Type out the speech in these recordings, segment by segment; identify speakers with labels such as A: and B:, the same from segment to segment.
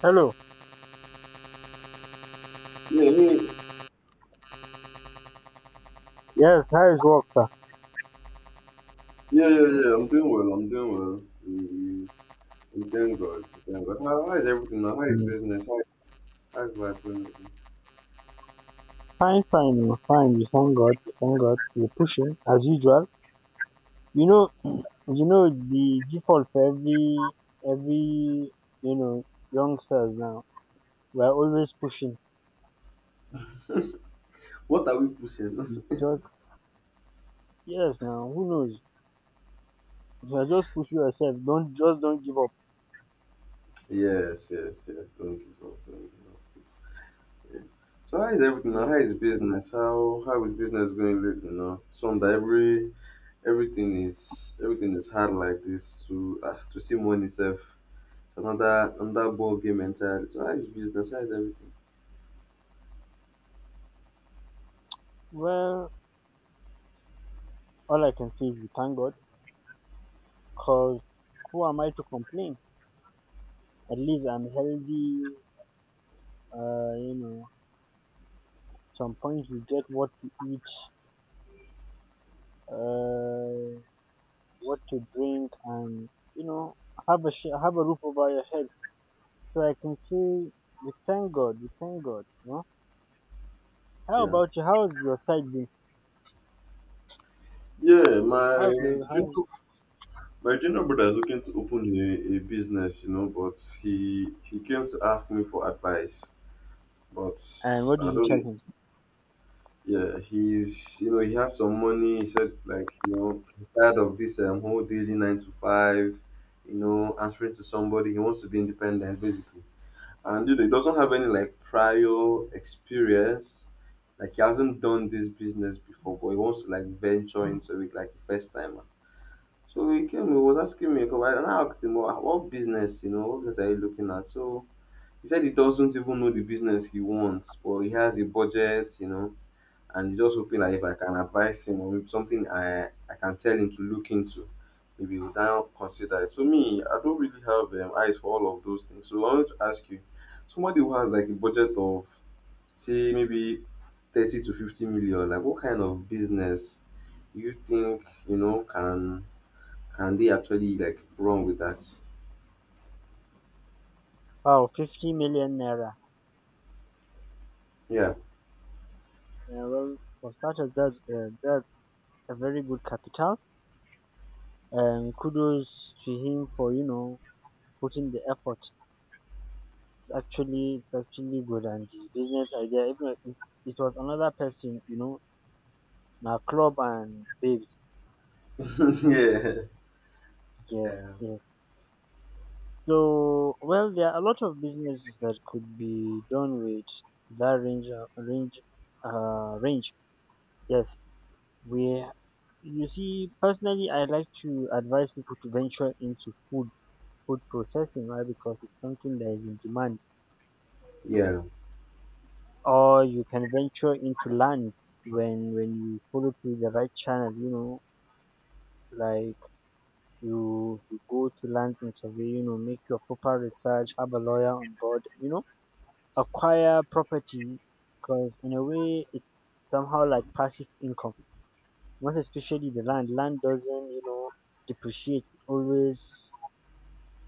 A: Hello.
B: Yeah, yeah, yeah,
A: Yes, how is work, sir?
B: yeah, yeah. I'm doing well. I'm doing well. Mm. I'm doing good. I'm doing good. How is everything now? How is
A: Mm.
B: business? How is life going?
A: Fine, fine, oh, fine. We thank God. We thank God. We're pushing as usual. You know, you know the default for every you know youngsters now. We're always pushing.
B: What are we pushing?
A: It's just yes. Now who knows? You are just push yourself. Don't give up.
B: Yes, yes, yes. Don't give up. Don't give up. Yeah. So how is everything now?
A: Yeah.
B: How is business? How is business going lately now? So that everything is hard like this to to see money self. It's another ball game entirely. So how is business? How is everything?
A: Well, all I can say is we thank God. Cause who am I to complain? At least I'm healthy. You know, some point you get what to eat uh, what to drink, and you know, have a have a roof over your head. So I can say we thank God, we thank God. You know, how
B: Yeah.
A: about you? How's your side been?
B: Yeah,
A: How's
B: my
A: your how?
B: junior junior brother is looking to open a business, you know, but he came to ask me for advice. But
A: And what did
B: I
A: you tell
B: don't.
A: him?
B: Yeah, he's, you know, he has some money. He said, like, you know, he's tired of this whole daily nine to five, you know, answering to somebody. He wants to be independent basically, and you know he doesn't have any like prior experience. Like he hasn't done this business before, but he wants to like venture into it like a first timer. So he came, he was asking me a couple, and I asked him, "Well, what business, you know, what business are you looking at?" So he said he doesn't even know the business he wants, but he has a budget, you know, and he's just hoping that if I can advise him or maybe something I can tell him to look into, maybe he will now consider it. So me, I don't really have eyes for all of those things. So I want to ask you, somebody who has like a budget of say maybe 30 to 50 million, like what kind of business do you think, you know, can they actually like run with that?
A: Wow, 50 million naira.
B: Yeah.
A: Well, for starters, that's a very good capital. And kudos to him for you know putting the effort. It's actually good and the business idea. Even if it was another person, you know, now club and babes.
B: Yeah.
A: Yes,
B: Yeah.
A: yes. So, well, there are a lot of businesses that could be done with that range. Yes, where you see, personally, I like to advise people to venture into food, food processing, right? Because it's something that is in demand.
B: Yeah,
A: Or you can venture into lands when you follow through the right channel. You know, like you go to land and survey. You know, make your proper research, have a lawyer on board. You know acquire property because in a way it's somehow like passive income. Most especially the land. Land doesn't, you know, depreciate. It always,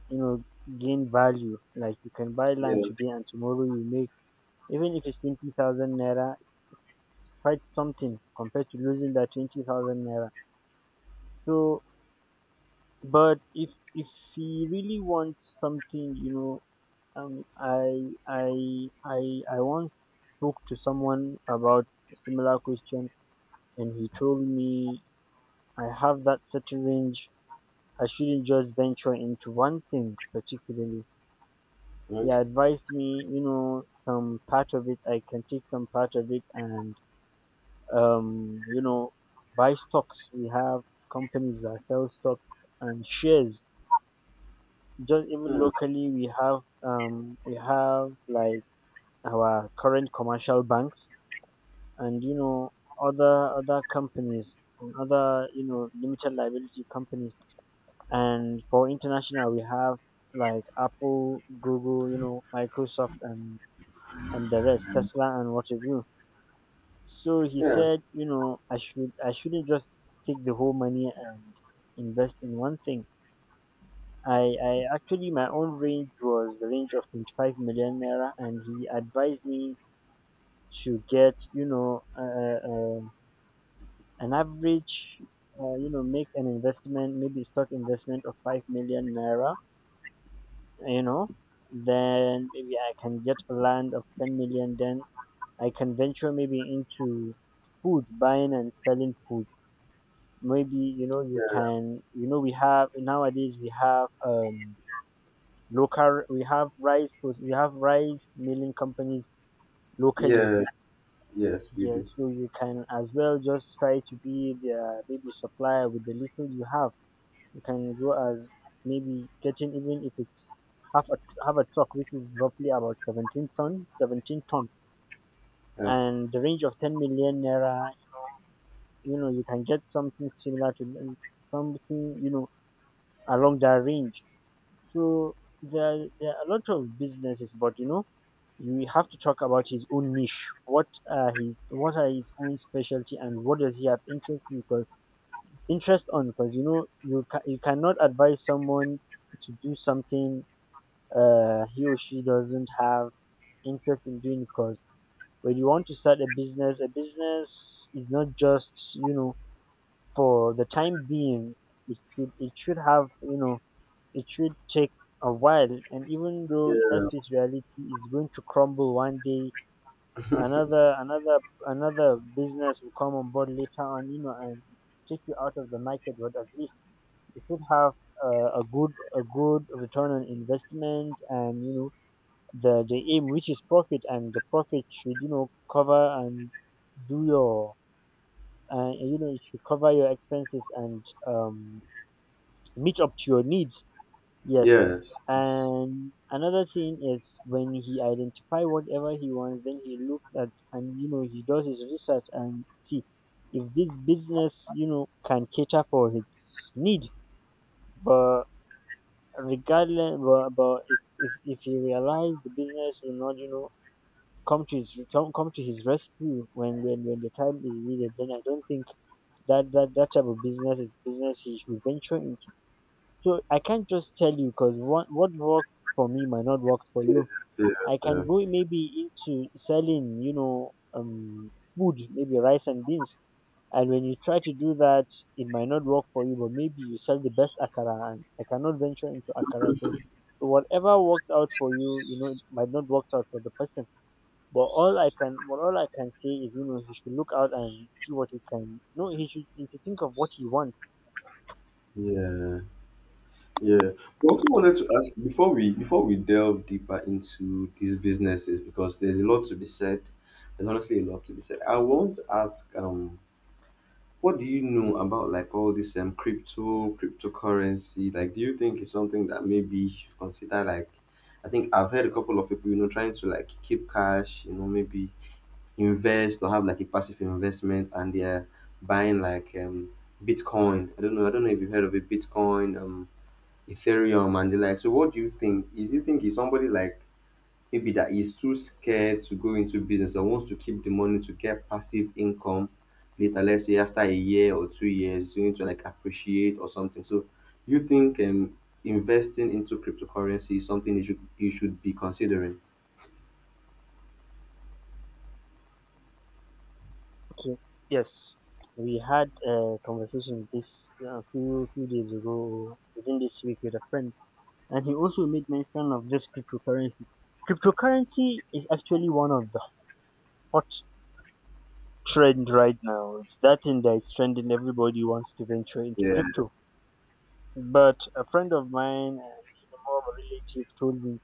A: you know, gain value. Like you can buy
B: yeah.
A: land today and tomorrow you make even if it's 20,000 naira, it's quite something compared to losing that 20,000 naira. So but if he really wants something, you know, Um, I I I I once spoke to someone about a similar question, and he told me I have that certain range. I shouldn't just venture into one thing particularly. He
B: Okay.
A: advised me, you know, some part of it and you know, buy stocks. We have companies that sell stocks and shares. Just even
B: Hmm.
A: locally, we have like our current commercial banks and you know other companies and other you know limited liability companies, and for international we have like Apple, Google, you know, Microsoft and the rest, Tesla and what have you. So he
B: Yeah,
A: said, you know, I shouldn't just take the whole money and invest in one thing. I actually, my own range was the range of 25 million naira, and he advised me to get you know uh an average you know, make an investment, maybe stock investment of 5 million naira, you know, then maybe I can get a land of 10 million, then I can venture maybe into food, buying and selling food. Maybe, you know, you can, you know, we have nowadays, we have local we have we have rice milling companies locally.
B: yeah, yes, we
A: Yeah,
B: do.
A: so you can as well just try to be their maybe supplier with the little you have. You can go as maybe getting, even if it's half a half a truck, which is roughly about 17 ton, 17 ton,
B: Yeah,
A: and the range of 10 million naira. You know, you can get something similar to something you know along that range. So there are a lot of businesses, but you know, you have to talk about his own niche. What are his own specialty, and what does he have interest in? Because interest on because you know you you cannot advise someone to do something he or she doesn't have interest in doing. Because when you want to start a business is not just you know for the time being. It should have you know it should take a while, and even though that's face reality is going to crumble one day, another another business will come on board later on, you know, and take you out of the market. But at least you should have a good return on investment, and you know the aim, which is profit, and the profit should you know cover and do your you know, it should cover your expenses and meet up to your needs. Yes.
B: yes, yes,
A: And another thing is, when he identify whatever he wants, then he looks at, and you know, he does his research and see if this business you know can cater for his need. But regardless, but if he realize the business will not you know come to his rescue when, when the time is needed, then I don't think that that type of business is business he should venture into. So I can't just tell you, because what works for me might not work for you.
B: yeah,
A: I
B: yeah,
A: can go maybe into selling you know food, maybe rice and beans, and when you try to do that, it might not work for you. But maybe you sell the best akara, and I cannot venture into akara. So whatever works out for you, you know, it might not work out for the person. But all I can say is, you know, he should look out and see what he can. No, he should. He should think of what he wants.
B: yeah. Yeah. We also wanted to ask before we delve deeper into these businesses because there's a lot to be said. There's honestly a lot to be said. I want to ask, what do you know about like all this cryptocurrency? Like, do you think it's something that maybe you should consider? Like, I think I've heard a couple of people, you know, trying to like keep cash, you know, maybe invest or have like a passive investment, and they're buying like Bitcoin. I don't know. I don't know if you have heard of it, Bitcoin, Ethereum, and the like. So, what do you think? Is you think is somebody like maybe that is too scared to go into business or wants to keep the money to get passive income later, let's say after a year or 2 years you need to like appreciate or something. So you think investing into cryptocurrency is something you should be considering?
A: Okay. Yes, we had a conversation this a few days ago, within this week, with a friend, and he also made mention of this cryptocurrency. Cryptocurrency is actually one of the hot trend right now. It's that thing that is trending. Everybody wants to venture into
B: Yeah.
A: crypto. But a friend of mine, and even more of a relative, told me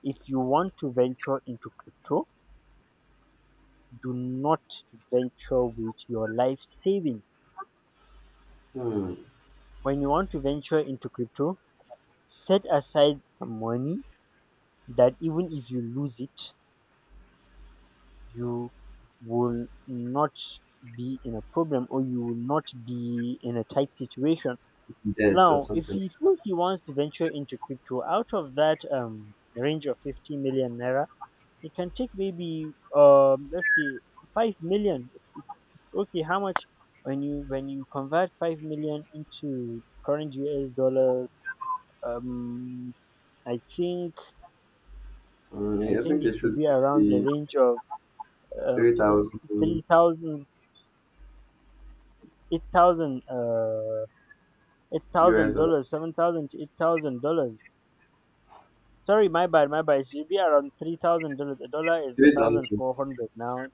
A: if you want to venture into crypto, do not venture with your life saving.
B: Hmm,
A: When you want to venture into crypto, set aside some money that even if you lose it, you will not be in a problem, or you will not be in a tight situation.
B: debt or
A: Now, if
B: something.
A: he feels he wants to venture into crypto out of that range of 50 million naira, it can take maybe let's say 5 million. It- Okay, how much when you convert 5 million into current US dollars? Um, I think
B: Hmm,
A: I
B: yeah, I
A: think
B: think
A: it
B: it
A: should
B: should
A: be around the
B: be
A: range of uh,
B: 3,000
A: three thousand, eight thousand, eight
B: US
A: thousand dollars,
B: dollars.
A: seven thousand to eight thousand dollars. Sorry, my bad, my bad. It should be around $3,000. A dollar is a thousand
B: 3,000,
A: four hundred now.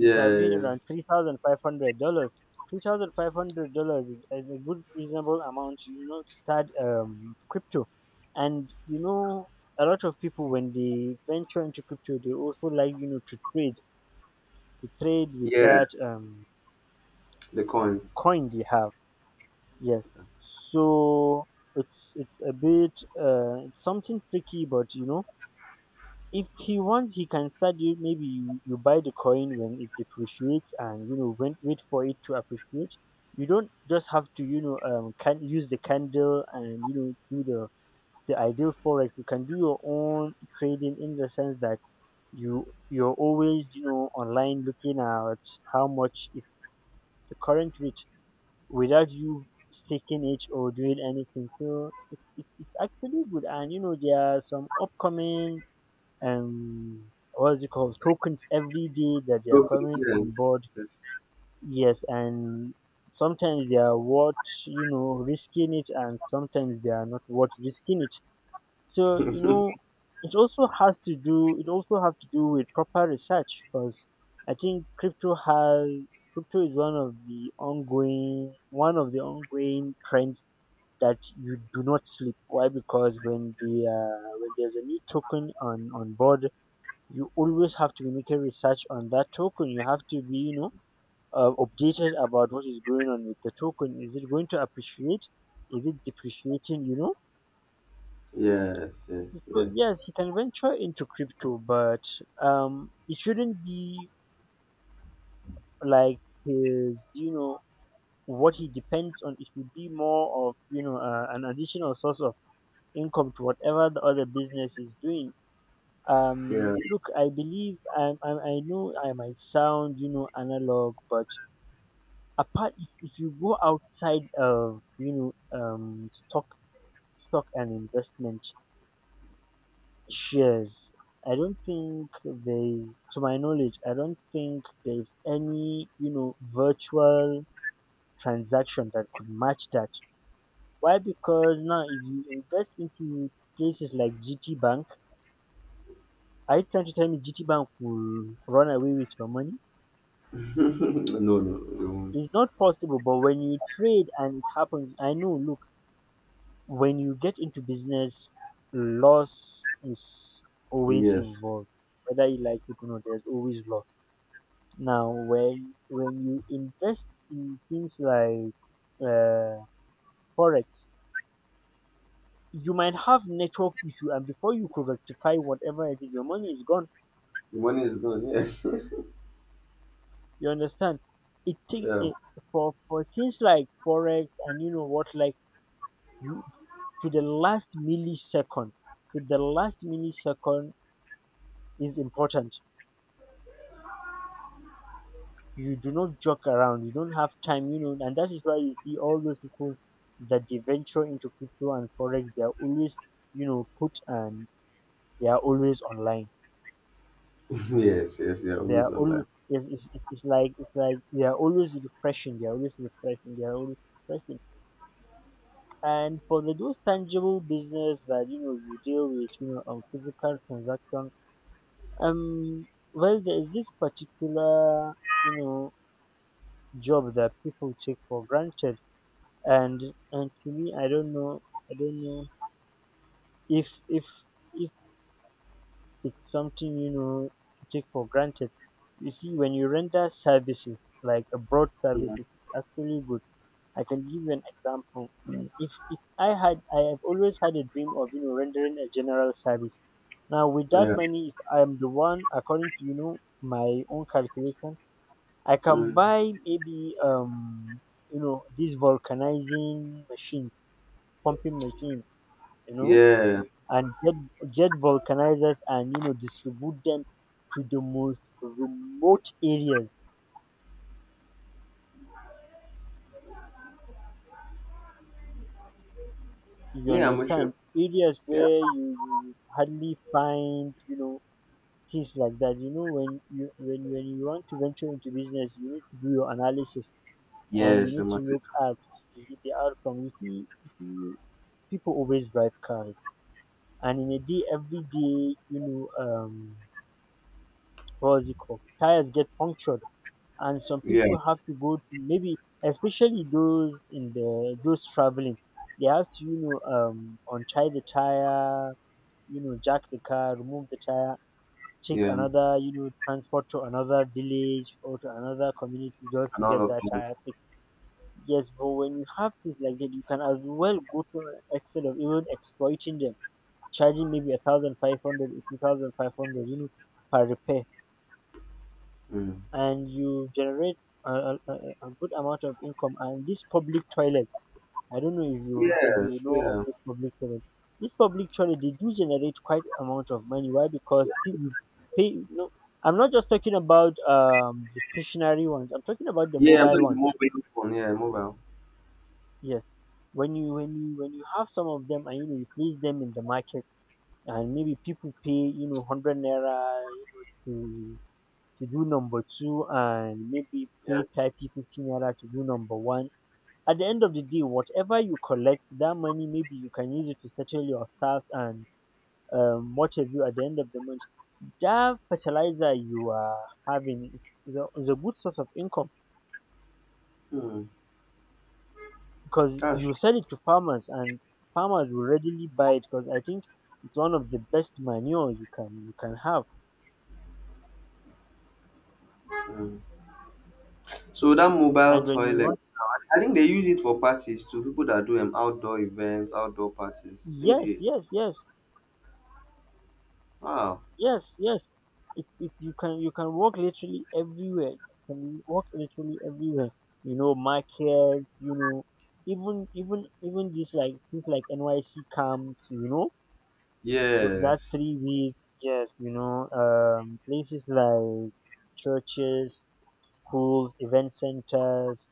A: It's around $3,500. $3,500 is a good reasonable amount, you know, to start crypto. And you know, a lot of people when they venture into crypto, they also like you know to trade with
B: Yeah,
A: that
B: the coins.
A: coin they have. Yes, so it's a bit it's something tricky, but you know if he wants, he can start. You maybe you buy the coin when it depreciates, and you know wait, wait for it to appreciate. You don't just have to you know can use the candle and you know do the ideal forex. You can do your own trading in the sense that you're always you know online looking at how much it's the current rate without you staking it or doing anything. So it's actually good, and you know there are some upcoming what's it called, tokens every day that they are
B: So for the
A: coming on
B: students.
A: board. Yes, and sometimes they are worth you know risking it, and sometimes they are not worth risking it. So you know it also has to do, it also have to do with proper research, because I think crypto is one of the ongoing trends that you do not sleep. Why? Because when the when there's a new token on board, you always have to be making research on that token. You have to be, you know, updated about what is going on with the token. Is it going to appreciate? Is it depreciating? You know.
B: Yes, yes, yes,
A: So
B: yes,
A: yes, he can venture into crypto, but it shouldn't be like his, you know, what he depends on. It should be more of, you know, an additional source of income to whatever the other business is doing.
B: yeah.
A: Look, I believe I know I might sound, you know, analog, but apart if you go outside of stock and investment shares. I don't think there's, to my knowledge, I don't think there's any, you know, virtual transaction that could match that. Why? Because now if you invest into places like GT Bank, are you trying to tell me GT Bank will run away with your money?
B: No, no.
A: It's not possible. But when you trade and it happens, I know. Look, when you get into business, loss is always
B: Yes.
A: involved. Whether you like it or not, there's always loss. Now, when you invest in things like uh, forex, you might have network issue, and before you could rectify whatever it is, your money is gone.
B: The money is gone. Yeah.
A: You understand? It take
B: Yeah.
A: it, for things like forex, and you know what, like you, to the last millisecond, to the last millisecond is important. You do not joke around. You don't have time, you know, and that is why you see all those people that they venture into crypto and forex. They are always, you know, put, and they are always online.
B: Yes, yes, yeah.
A: They are
B: Always
A: always,
B: online.
A: it's like, it's like they are always refreshing. They are always refreshing. They are always refreshing. And for the those tangible business that, you know, you deal with, you know, on physical transaction, um, well, there is this particular, you know, job that people take for granted. and and to me, I don't know if if if it's something, you know, to take for granted. You see, when you render services like a broad service,
B: Yeah.
A: it's actually good. I can give you an example. Mm. If I have always had a dream of, you know, rendering a general service. Now with that
B: Yeah.
A: money, if I'm the one, according to, you know, my own calculation, I can
B: Mm.
A: buy maybe you know, this vulcanizing machine, pumping machine, you know,
B: Yeah.
A: and jet vulcanizers, and, you know, distribute them to the most remote areas. You
B: Yeah, I'm sure.
A: understand? Areas
B: Yeah.
A: where you hardly find, you know, things like that. You know, when you when you want to venture into business, you need to do your analysis and you
B: Yes,
A: need
B: I'm
A: to
B: a
A: look at the outcome. You see, people always drive cars, and in a day, every day, you know, what was it called? Tires get punctured, and some
B: yeah.
A: people have to go to maybe, especially those in the those traveling, they have to, you know, untie the tire, you know, jack the car, remove the tire, take
B: Yeah.
A: another, you know, transport to another village or to another community just to
B: And all
A: get
B: of
A: that tire
B: those.
A: fixed. Yes, but when you have things like that, you can as well go to an extent of even exploiting them, charging maybe a thousand five hundred or two thousand five hundred, you know, per repair,
B: Mm.
A: and you generate a good amount of income. And these public toilets, I don't know if you, if
B: Yes,
A: you know of
B: yeah.
A: these public toilets. These public toilets, they do generate quite amount of money. Why? Because you pay. No, I'm not just talking about the stationary ones. I'm talking about the
B: Yeah, I'm
A: mobile
B: talking the
A: ones.
B: mobile phone. Yeah, mobile.
A: Yes, when you when you have some of them and, you know, you place them in the market, and maybe people pay, you know, 100 naira, you know, to do number two, and maybe
B: Yeah.
A: pay 30, 50 naira to do number one. At the end of the day, whatever you collect, that money, maybe you can use it to settle your staff and what have you at the end of the month. That fertilizer you are having, is a good source of income,
B: Mm.
A: because
B: That's
A: you
B: true.
A: sell it to farmers, and farmers will readily buy it because I think it's one of the best manure you can have.
B: Mm. So that
A: And
B: mobile
A: when you
B: toilet,
A: want,
B: I think they use it for parties too. People that do outdoor events, outdoor parties. I think
A: yes,
B: they.
A: yes, yes.
B: Wow.
A: Yes, yes. It, you can walk literally everywhere. You can walk literally everywhere. You know, market. You know, even just like things like NYC camps. You know, with that
B: Yes.
A: 3 week. Yes, you know, places like churches, schools, event centers,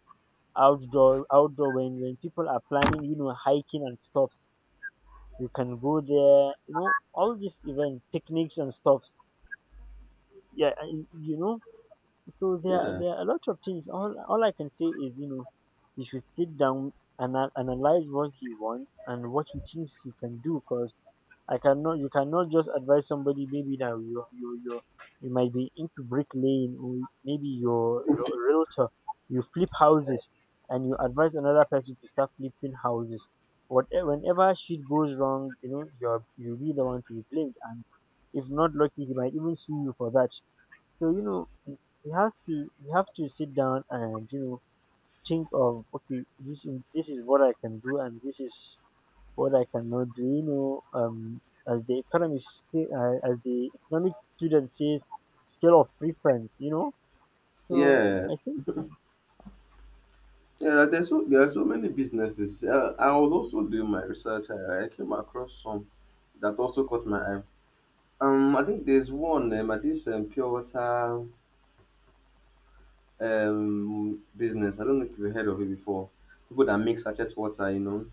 A: outdoor when people are planning, you know, hiking and stuffs. You can go there. You know, all these events, picnics and stuff. Yeah. And, you know, so
B: Yeah.
A: there are a lot of things. All I can say is, you know, he should sit down and analyze what he wants and what he thinks he can do, because I cannot, you cannot just advise somebody maybe that you you might be into bricklaying or maybe you're a realtor, you flip houses, and you advise another person to start flipping houses. Whatever, whenever shit goes wrong, you know, you'll be the one to be blamed, and if not lucky, he might even sue you for that. So, you know, he has to you have to sit down and, you know, think of, okay, this is, this is what I can do, and this is what I cannot do. You know, as the economic as the economic student says, scale of preference. You know, so I
B: Yes,
A: think
B: yeah, like, there are so many businesses. I was also doing my research. I came across some that also caught my eye. I think there's one, at this, pure water business. I don't know if you've heard of it before. People that make sachet water, you know,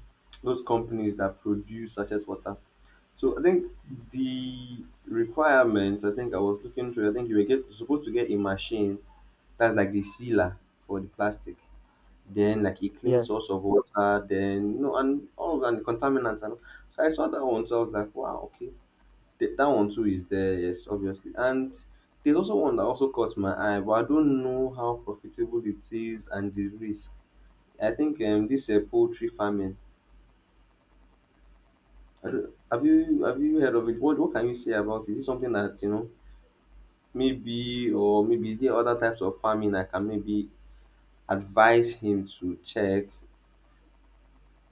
B: those companies that produce sachet water. So I think the requirement. I think I was looking through. I think you were supposed to get a machine that's like the sealer for the plastic. Then like a clean
A: yes,
B: source of water, then you know, and all of that, and the contaminants and all. So I saw that one, so I was like, wow, okay. That one too is there, yes, obviously. And there's also one that also caught my eye, but I don't know how profitable it is and the risk. I think this poultry farming. I don't, have you heard of it? What can you say about it? Is it something that you know maybe or maybe is there other types of farming I can maybe advise him to check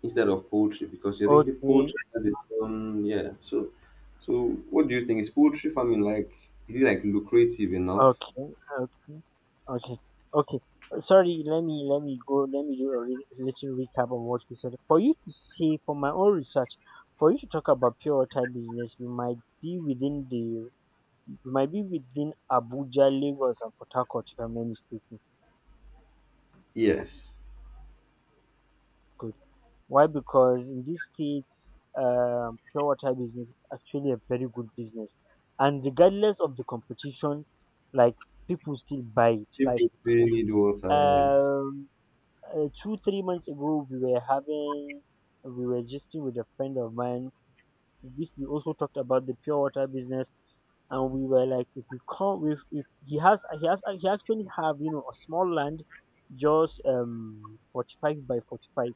B: instead of poultry because I think the
A: okay.
B: poultry has its own, yeah. So what do you think? Is poultry farming like, is it like lucrative enough?
A: Okay, okay, okay, okay. Sorry, let me go. Let me do a little recap on what you said. For you to say, for my own research, for you to talk about pure water business, you might be within the, you might be within Abuja, Lagos, and Port Harcourt, if I'm not mistaken.
B: Yes.
A: Good. Why? Because in these states, pure water business is actually a very good business, and regardless of the competition, like, people still buy it. Like
B: People still need water, yes.
A: um 2 3 months ago, we were having, we were gisting with a friend of mine, which we also talked about the pure water business. And we were like, if we come, if he has, he actually have, you know, a small land, just 45 by 45,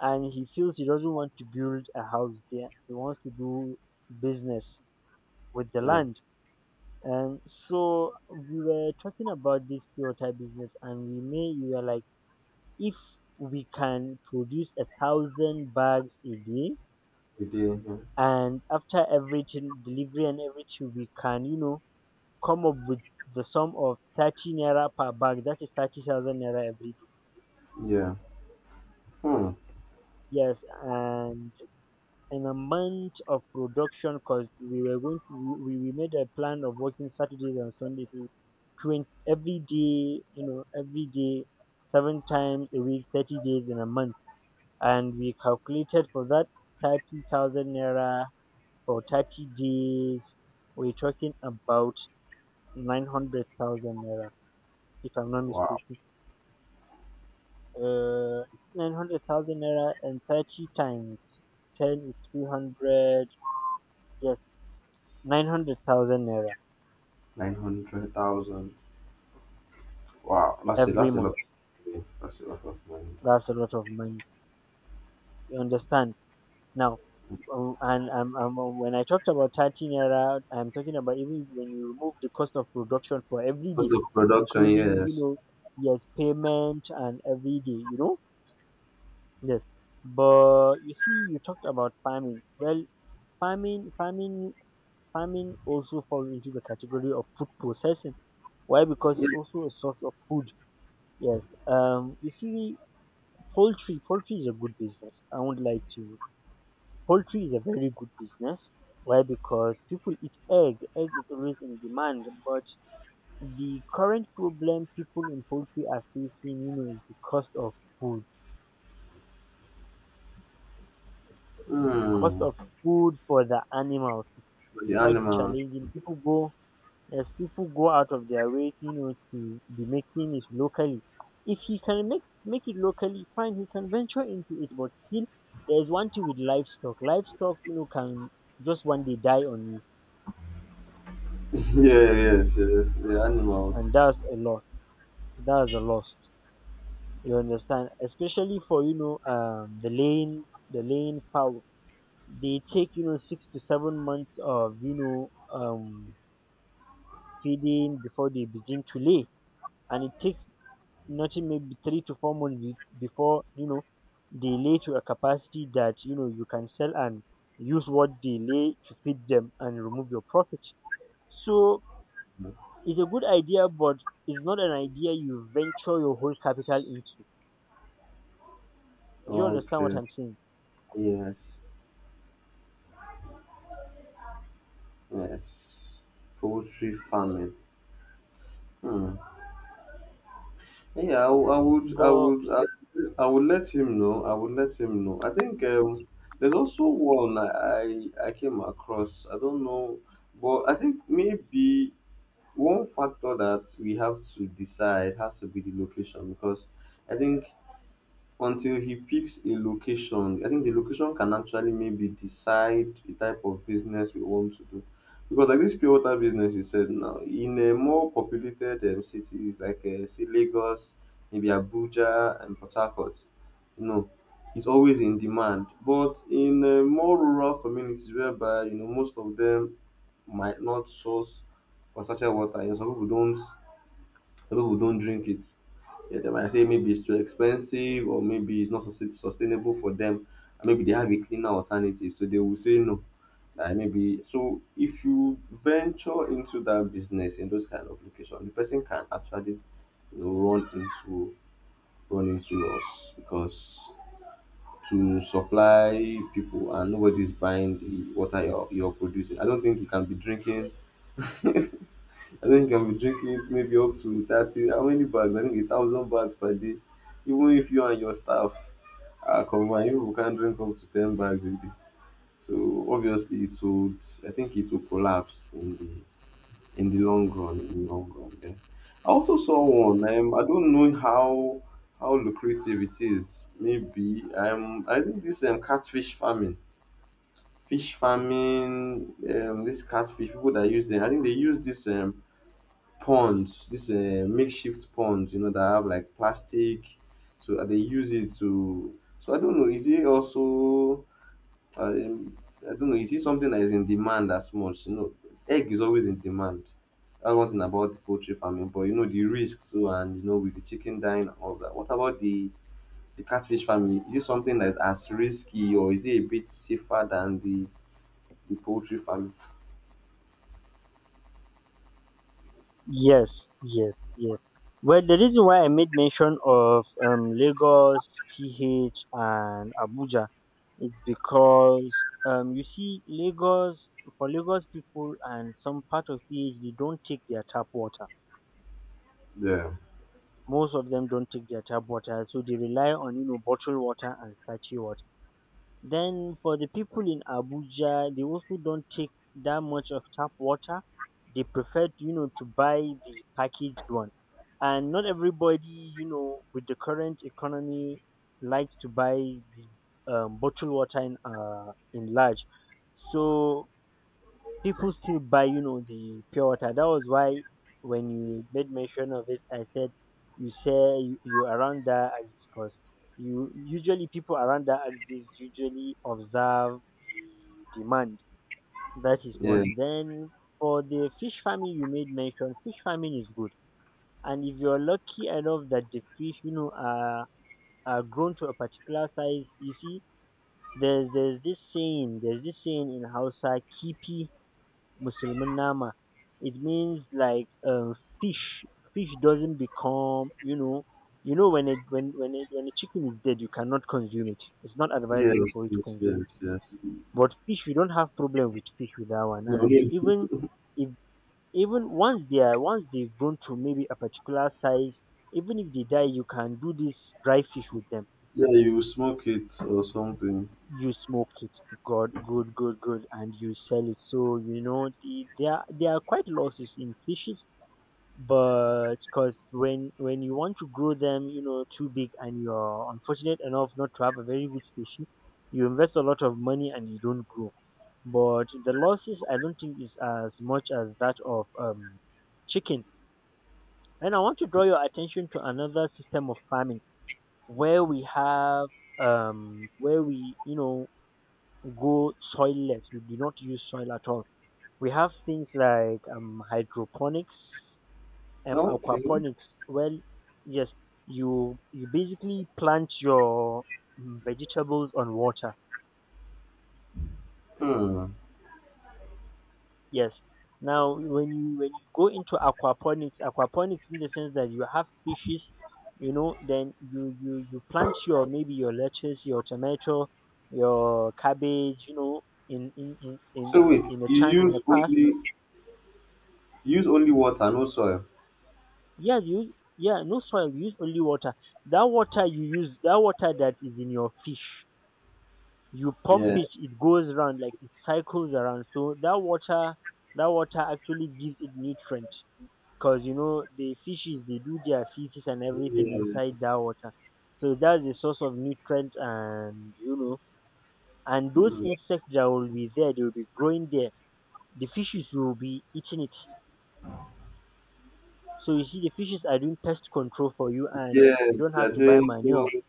A: and he feels he doesn't want to build a house there, he wants to do business with the
B: Yeah.
A: land. And so we were talking about this pure water business, and we were like, if we can produce 1,000 bags a day,
B: We do, yeah.
A: and after everything, delivery and everything, we can, you know, come up with the sum of 30 naira per bag, that is 30,000 naira every day.
B: Yeah. Hmm.
A: Yes. And in a month of production, because we were going to, we made a plan of working saturdays and sundays, so 20 every day, you know, every day, seven times a week, 30 days in a month, and we calculated for that 30,000 naira for 30 days. We're talking about 900,000 naira, if I'm not
B: Wow.
A: mistaken. Uh, 900,000 naira, and 30 times 10 is 300, yes, 900,000 naira
B: 900,000. Wow. That's a
A: every
B: that's a lot
A: month.
B: of money. That's a lot of money. Though.
A: That's a lot of money. You understand? Now, and when I talked about 30 naira, I'm talking about even when you remove the cost of production for every
B: Cost
A: day,
B: of production,
A: including, you
B: yes.
A: know, yes, payment and every day, you know, yes. But you see, you talked about farming. Well, farming, farming also falls into the category of food processing. Why? Because it's also a source of food. Yes. You see, poultry. Poultry is a good business. I would like to Poultry is a very good business. Why? Because people eat egg. Egg is always in demand. But the current problem people in poultry are facing, you know, is the cost of food. Cost
B: Hmm.
A: of food for the animals is
B: For the
A: quite
B: animals.
A: challenging. People go Yes, people go out of their way, you know, to be making it locally. If he can make it locally, fine, he can venture into it. But still, there is one thing with livestock. Livestock, you know, can just one day die on you,
B: Yeah, yes, yes. The animals.
A: and that's a loss. That's a loss. You understand? Especially for, you know, the lane, the lane power. They take, you know, 6 to 7 months of, you know, feeding before they begin to lay, and it takes nothing, maybe 3 to 4 months before, you know, they lay to a capacity that, you know, you can sell and use what they lay to feed them and remove your profit. So it's a good idea, but it's not an idea you venture your whole capital into. Do you understand what
B: Okay.
A: I'm saying?
B: Yes. Yes. Poultry farming. Hmm. Yeah, I would, I
A: But
B: would, I would let him know. I would let him know. I think there's also one I came across. I don't know, but I think maybe one factor that we have to decide has to be the location because I think until he picks a location. I think the location can actually maybe decide the type of business we want to do. Because like this pure water business you said now, in a more populated cities like say Lagos, maybe Abuja and Port Harcourt, you know, it's always in demand. But in more rural communities whereby, you know, most of them might not source for such a water, you know, some people don't drink it. Yeah, they might say maybe it's too expensive or maybe it's not sustainable for them. And maybe they have a cleaner alternative, so they will say no. Like maybe so if you venture into that business in those kind of location, the person can actually, you know, run into us because to supply people and nobody's buying the water you're producing. I don't think you can be drinking. I think I will be drinking it maybe up to 30, how many bags? I think a thousand bags per day. Even if you and your staff are combined, you people can drink up to 10 bags a day. So obviously it would, I think it will collapse in the long run. In the long run, yeah. I also saw one. I don't know how lucrative it is. Maybe I think this catfish farming, fish farming, this catfish people that use them. I think they use this ponds, this makeshift ponds, you know, that have like plastic. So they use it to. So I don't know. Is it also? Uh, Um, I don't know. Is it something that is in demand as much? You know, egg is always in demand. That's one thing about the poultry farming. But you know the risk too, and you know with the chicken dying and all that. What about the catfish farming? Is it something that is as risky, or is it a bit safer than the poultry farming?
A: yes, yes, yes. Well, the reason why I made mention of Lagos, PH, and Abuja is because you see, Lagos, for Lagos people and some part of PH, they don't take their tap water.
B: Yeah.
A: Most of them don't take their tap water, so they rely on, you know, bottled water and sachet water. Then for the people in Abuja, they also don't take that much of tap water. They prefer, you know, to buy the packaged one. And not everybody, with the current economy, likes to buy the bottled water in large. So people still buy, the pure water. That was why when you made mention of it, I said you say you around that axis because you usually people around that axis usually observe the demand. That is
B: Yeah.
A: one. Then for the fish farming you made mention, fish farming is good. And if you're lucky enough that the fish, are grown to a particular size, you see, there's this saying in Hausa, kipi musulmin nama. It means like fish fish doesn't become when a chicken is dead you cannot consume it. It's not advisable for
B: Yes.
A: you to
B: Yes.
A: consume it.
B: Yes. Yes.
A: But fish you don't have problem with fish with that one.
B: No,
A: And even
B: no.
A: if even once they've grown to maybe a particular size, even if they die, you can do this dry fish with them.
B: Yeah, you smoke it or something.
A: You smoke it, good, good, good, good, and you sell it. So you know there are quite losses in fishes, but because when you want to grow them you know too big and you're unfortunate enough not to have a very good species, you invest a lot of money and you don't grow. But the losses I don't think is as much as that of chicken. And I want to draw your attention to another system of farming where we have, where we, go soilless. We do not use soil at all. We have things like hydroponics,
B: Okay.
A: aquaponics. Well, yes, you basically plant your vegetables on water.
B: Hmm.
A: Yes. Now, when you go into aquaponics, aquaponics in the sense that you have fishes, then you plant your maybe your lettuce, your tomato, your cabbage,
B: So wait, you
A: in a
B: use
A: path.
B: only use only water, no soil.
A: Yeah, you yeah, no soil, you use only water. That water you use, that water that is in your fish, you pump
B: Yeah.
A: it goes around, like it cycles around. So that water actually gives it nutrient, because you know the fishes, they do their feces and everything inside that
B: Yes.
A: water. So that's the source of nutrient. And and those
B: Hmm.
A: insects that will be there, they will be growing there, the fishes will be eating it. So you see, the fishes are doing pest control for you and you
B: Yes,
A: don't have
B: you're
A: to buy
B: doing
A: manure.
B: good.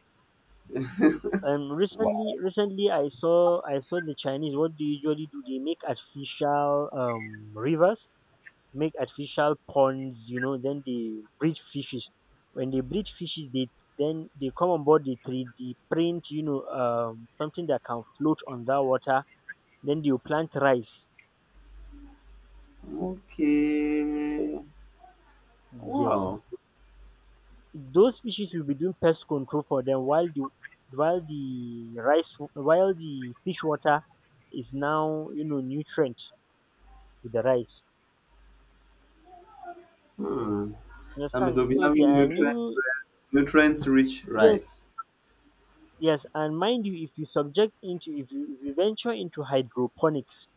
B: Wow.
A: Recently I saw the Chinese. What they usually do, they make artificial rivers, make artificial ponds. You know, then they breed fishes. When they breed fishes, they then they come on board. They three D print, something that can float on that water. Then they will plant rice.
B: Okay.
A: Yes,
B: Wow.
A: those fishes will be doing pest control for them, while the rice, while the fish water is now, nutrient to the rice.
B: Hmm.
A: You
B: I mean, they'll
A: understand?
B: be
A: So there
B: having
A: are new.
B: nutrient rich
A: Yes,
B: rice.
A: yes. And mind you, if you venture into hydroponics,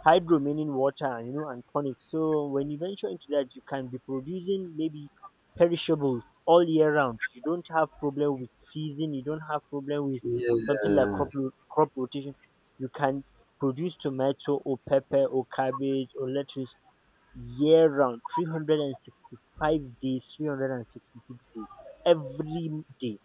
A: hydro meaning water, and ponics. So when you venture into that, you can be producing maybe perishables all year round. You don't have problem with season, you don't have problem with something like
B: Yeah.
A: crop rotation. You can produce tomato or pepper or cabbage or lettuce year round, 365 days, 366 days, every day.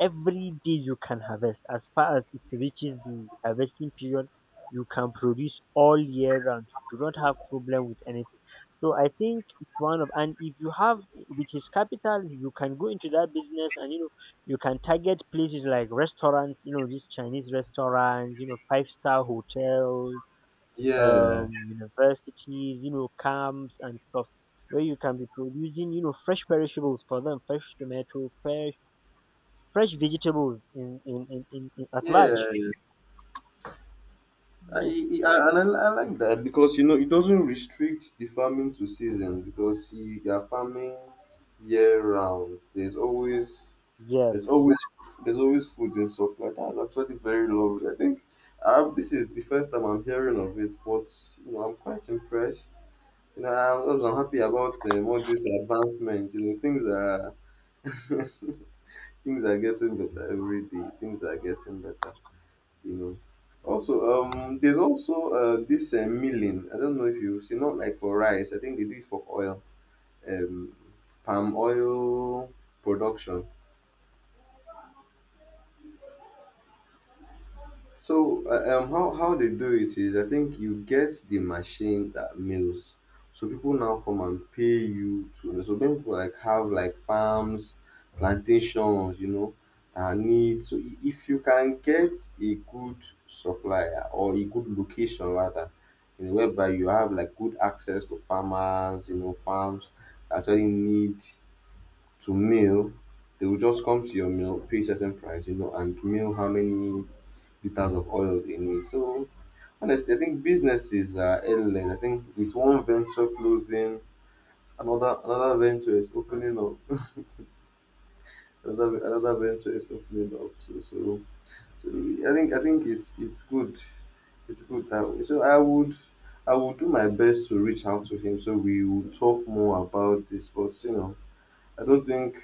A: Every day you can harvest. As far as it reaches the harvesting period, you can produce all year round. You do not have problem with anything. So I think it's one of, and if you have with his capital, you can go into that business. And you can target places like restaurants, these Chinese restaurants, five-star hotels,
B: Yeah.
A: universities, camps and stuff, where you can be producing, fresh perishables for them, fresh tomato, fresh vegetables in at large.
B: Yeah. I,
A: Yes.
B: I like that because you know it doesn't restrict the farming to season because you are farming year round. There's always
A: Yes,
B: there's always there's always food in supply. That's actually very lovely. I think this is the first time I'm hearing of it, but you know I'm quite impressed. You know I'm so happy about, all these advancements. You know things are things are getting better every day. Things are getting better, you know. Also, there's also this milling. I don't know if you've seen, not like for rice. I think they do it for oil, um, palm oil production. So how they do it is, I think you get the machine that mills. So people now come and pay you to. So many people like have like farms, plantations, you know, and need. So if you can get a good supplier or a good location rather, you know, whereby you have like good access to farmers, you know, farms that actually need to mill, they will just come to your mill, pay certain price, you know, and mill how many liters of oil they need. So honestly, I think businesses are endless. I think with one venture closing, another venture is opening up. Another venture is opening up. So I think it's good. It's good that way. So I would do my best to reach out to him so we will talk more about this. But you know, I don't think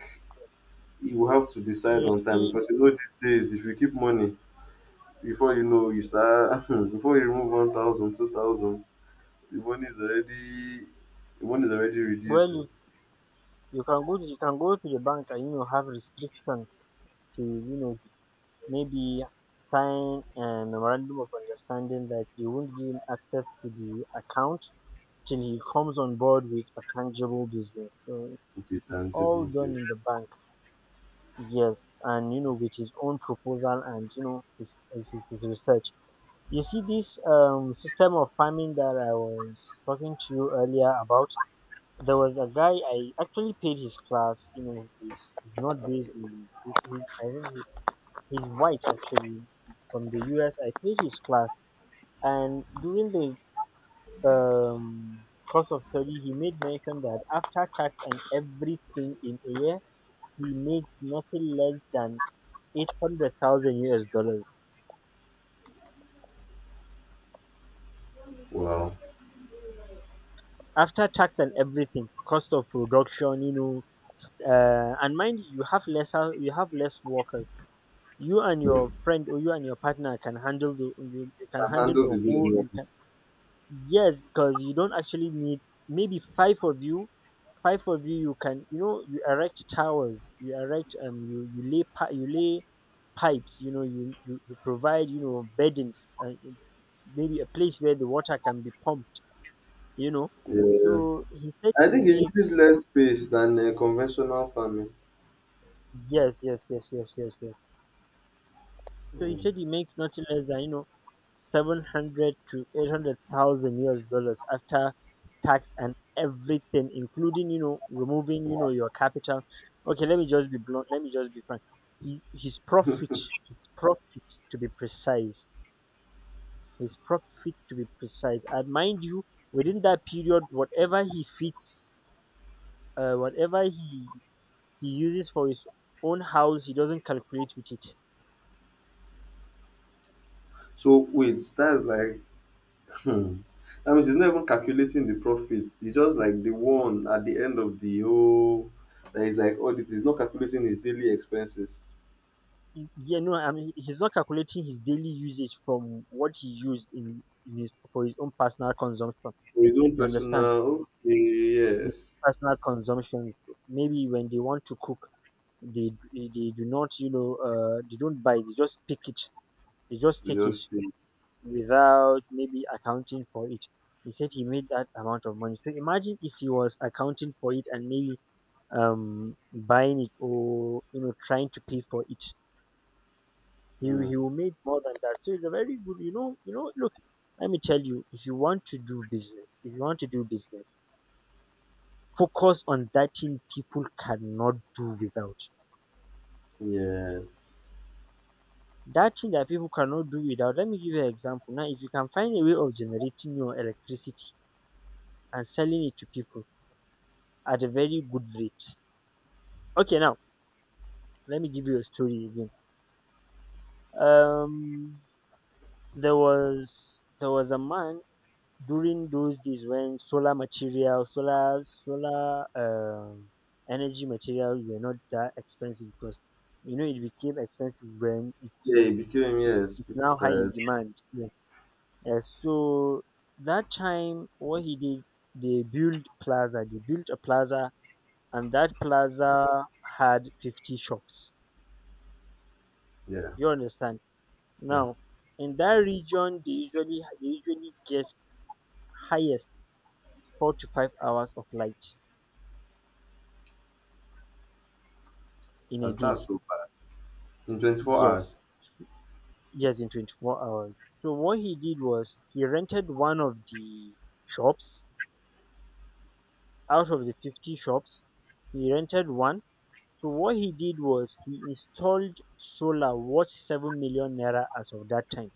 B: you have to decide
A: you
B: on time
A: see,
B: because you know these days if you keep money before you know you start before you remove 1,000, 2,000, the money is already the money is already
A: well,
B: reducing.
A: you can go to, the bank and have restrictions to, maybe sign a memorandum of understanding that you won't give him access to the account till he comes on board with a tangible business. So
B: Okay,
A: it's all
B: tangible
A: done
B: bit.
A: in the bank. Yes, and with his own proposal and his research. You see, this system of farming that I was talking to you earlier about. There was a guy I actually paid his class. You know, he's not based in this. I think he's white actually, from the U.S. I paid his class, and during the course of study, he made mention that after tax and everything in a year, he makes nothing less than 800,000 US dollars
B: Wow.
A: after tax and everything, cost of production. And mind you, you have less workers. You and your friend or you and your partner can handle the, you can
B: Can
A: handle
B: handle
A: a
B: the
A: whole,
B: business.
A: you can. Yes, because you don't actually need maybe five of you, five of you you can, you erect towers, you erect, you lay you lay pipes, you provide, beddings, maybe a place where the water can be pumped you know.
B: Yeah,
A: So he said
B: I think it
A: he
B: uses
A: makes,
B: less space than conventional farming.
A: yes, yes, yes, yes, yes, yes. So he
B: Mm.
A: said he makes not less than, 700 to 800,000 US dollars after tax and everything, including removing your capital. Okay, let me just be blunt. Let me just be frank. He, his profit, his profit to be precise, And mind you, within that period, whatever he uses for his own house, he doesn't calculate with it. He—
B: So wait, that's like. Hmm. That means it's not even calculating the profit. It's just like the one at the end of the whole, that is like audit. It's not calculating his daily expenses.
A: Yeah, no, I mean, he's not calculating his daily usage from what he used in his for his own personal consumption.
B: For his own
A: You understand?
B: personal, okay,
A: His
B: yes.
A: personal consumption. Maybe when they want to cook, they do not, they don't buy. They just pick it. They just take it
B: Just think.
A: without maybe accounting for it. He said he made that amount of money. So imagine if he was accounting for it and maybe, buying it or, trying to pay for it. He
B: Hmm.
A: will make more than that. So it's a very good, Look, let me tell you, if you want to do business, if you want to do business, focus on that thing people cannot do without.
B: Yes.
A: That thing that people cannot do without. Let me give you an example. Now, if you can find a way of generating your electricity and selling it to people at a very good rate. Okay, now let me give you a story again. Um, there was a man during those days when solar energy materials were not that expensive, because it became expensive when
B: Yeah, it became, yes.
A: it's
B: People
A: now high in
B: started,
A: demand, yeah. Yeah, so that time, what he did, they built a plaza, and that plaza had 50 shops,
B: yeah,
A: you understand.
B: yeah.
A: Now in that region, they usually get highest 4 to 5 hours of light in a day.
B: That's so bad. In 24
A: Yes,
B: hours.
A: yes, in 24 hours. So what he did was, he rented one of the shops out of the 50 shops. He rented one. So what he did was, he installed solar worth 7 million naira as of that time.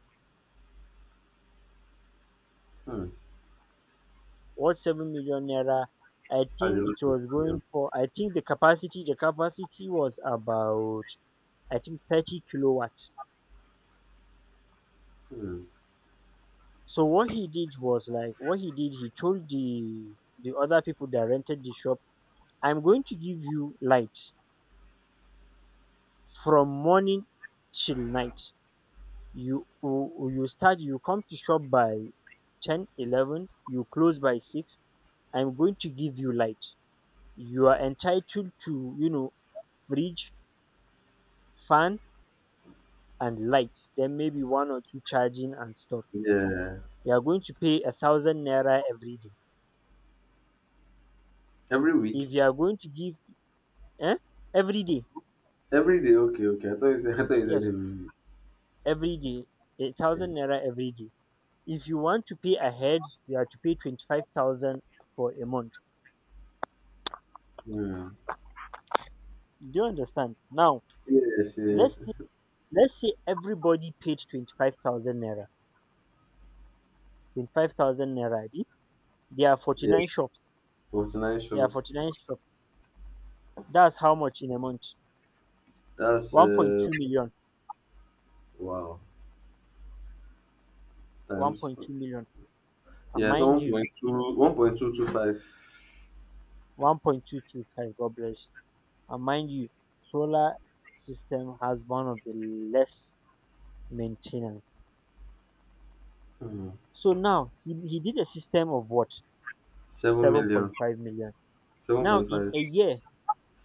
B: Hmm.
A: Worth 7 million naira.
B: That's a lot of money.
A: I think the capacity was about, I think, 30 kilowatt.
B: Oh. Hmm.
A: So what he did, he told the other people that rented the shop, I'm going to give you light from morning till night. You come to shop by 10, 11. You close by 6. I'm going to give you light. You are entitled to, fridge, fan and light, then maybe one or two charging and stuff.
B: Yeah.
A: You are going to pay 1,000 naira every day.
B: Every
A: If
B: week?
A: you are going to give, eh, every day.
B: Every day? Okay, okay. I thought you said, I thought you said
A: Yes,
B: every week.
A: every day. a
B: Yeah.
A: thousand naira every day. If you want to pay ahead, you have to pay 25,000 for a month.
B: Hmm.
A: Do you understand? Now
B: Yes,
A: let's
B: yes.
A: say, let's say everybody paid 25,000 naira. 25,000 naira. Abi? There are forty
B: Yeah.
A: nine shops.
B: 49
A: There are
B: shops.
A: 49 shops. That's how much in a month.
B: That's
A: One point two million.
B: wow,
A: One
B: times.
A: point two million. And
B: Yes,
A: mind
B: one
A: you,
B: point two, 1.225.
A: 1.225. God bless you. And mind you, solar system has one of the less maintenance.
B: Hmm.
A: So now he did a system of what?
B: 7 million,
A: 7.5 million.
B: seven
A: Now
B: point
A: in
B: five.
A: a year,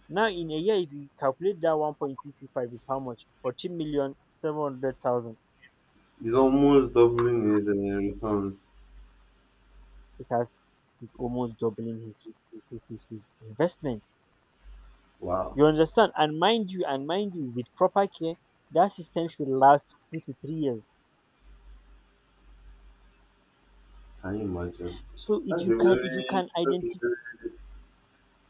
A: if you calculate that 1.55 is how much? 14,700,000.
B: He's almost doubling his returns.
A: It has He's almost doubling his investment.
B: Wow,
A: You understand? And mind you, with proper care, that system should last 2 to 3 years.
B: can you imagine?
A: So if
B: That's
A: you
B: a
A: can,
B: very, that's a
A: identify,
B: very,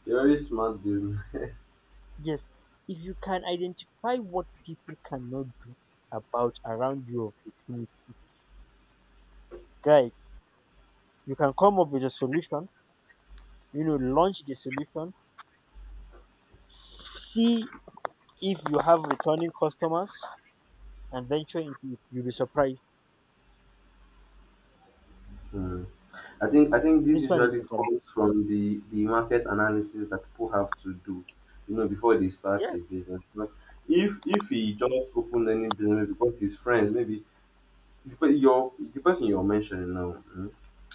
B: a very smart business.
A: yes, if you can identify what people cannot do about around your vicinity, guy, you can come up with a solution, you know, launch the solution, see if you have returning customers and venture into it, you'll be surprised.
B: Hmm. I think this
A: This one is
B: usually
A: a guarantee.
B: comes from the market analysis that people have to do, you know, before they start
A: Yes.
B: a business. Because if he just opened any business because his friends, maybe the pe- your the person you're mentioning now, mm,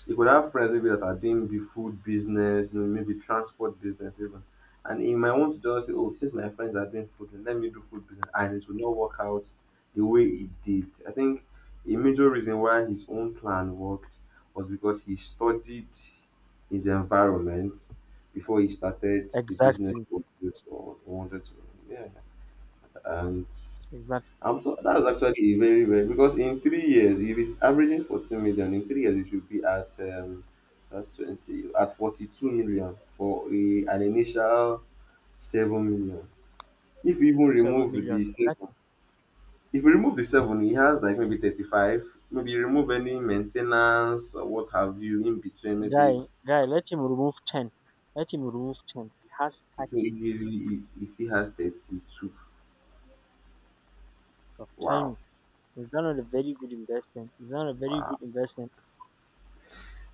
B: you could have friends maybe that are doing maybe food business, you know, maybe transport business even. And he might want to just say, oh, since my friends are doing food, then let me do food business. And it will not work out the way it did. I think a major reason why his own plan worked was because he studied his environment before he started the business
A: Exactly.
B: he wanted to. Yeah. And
A: exactly
B: I'm so that's actually a very very, because in 3 years, if it's averaging 14 million, in 3 years it should be at that's 20, at 42 million for a, an initial 7 million. If you even
A: seven
B: remove
A: million
B: the seven,
A: Exactly.
B: if you remove the seven, he has like maybe 35. Maybe you remove any maintenance or what have you in between.
A: guy
B: Maybe
A: guy, let him remove 10. He has
B: I
A: 30.
B: think he still has 32.
A: So tell
B: Wow,
A: me, is that not a very good investment? Is that not a very good investment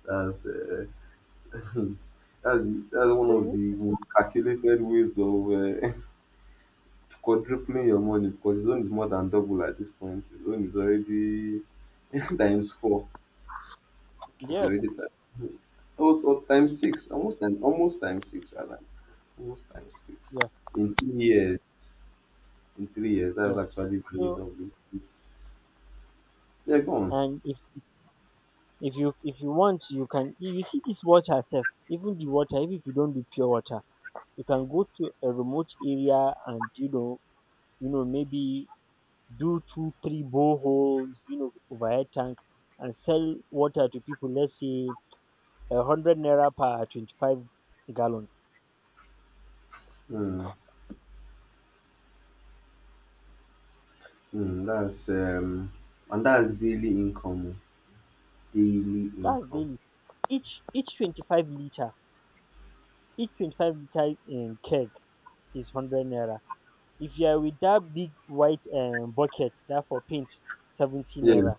B: that's uh, that's, the, that's one
A: So
B: of
A: you-
B: the calculated ways of quadrupling your money because his own is more than double at this point. His own is already times four. It's
A: yes.
B: already time. Or times six. Almost time, almost times six rather. Almost times six.
A: yes
B: In 3 years. In 3 years. That's
A: yes
B: actually very
A: so,
B: lovely. It's, yeah, go on.
A: and if, if you want, you can, you see this water self. Even the water, even if you don't do pure water, you can go to a remote area and, you know, maybe do 2 3 boreholes, you know, with overhead tank, and sell water to people. Let's say a hundred naira per 25 gallon.
B: Hmm. Hmm. That's and that's daily income. Daily
A: That's
B: income.
A: daily. Each 25 liter, in keg, is 100 naira. If you are with that big white bucket that for paint, 70
B: Yeah.
A: naira.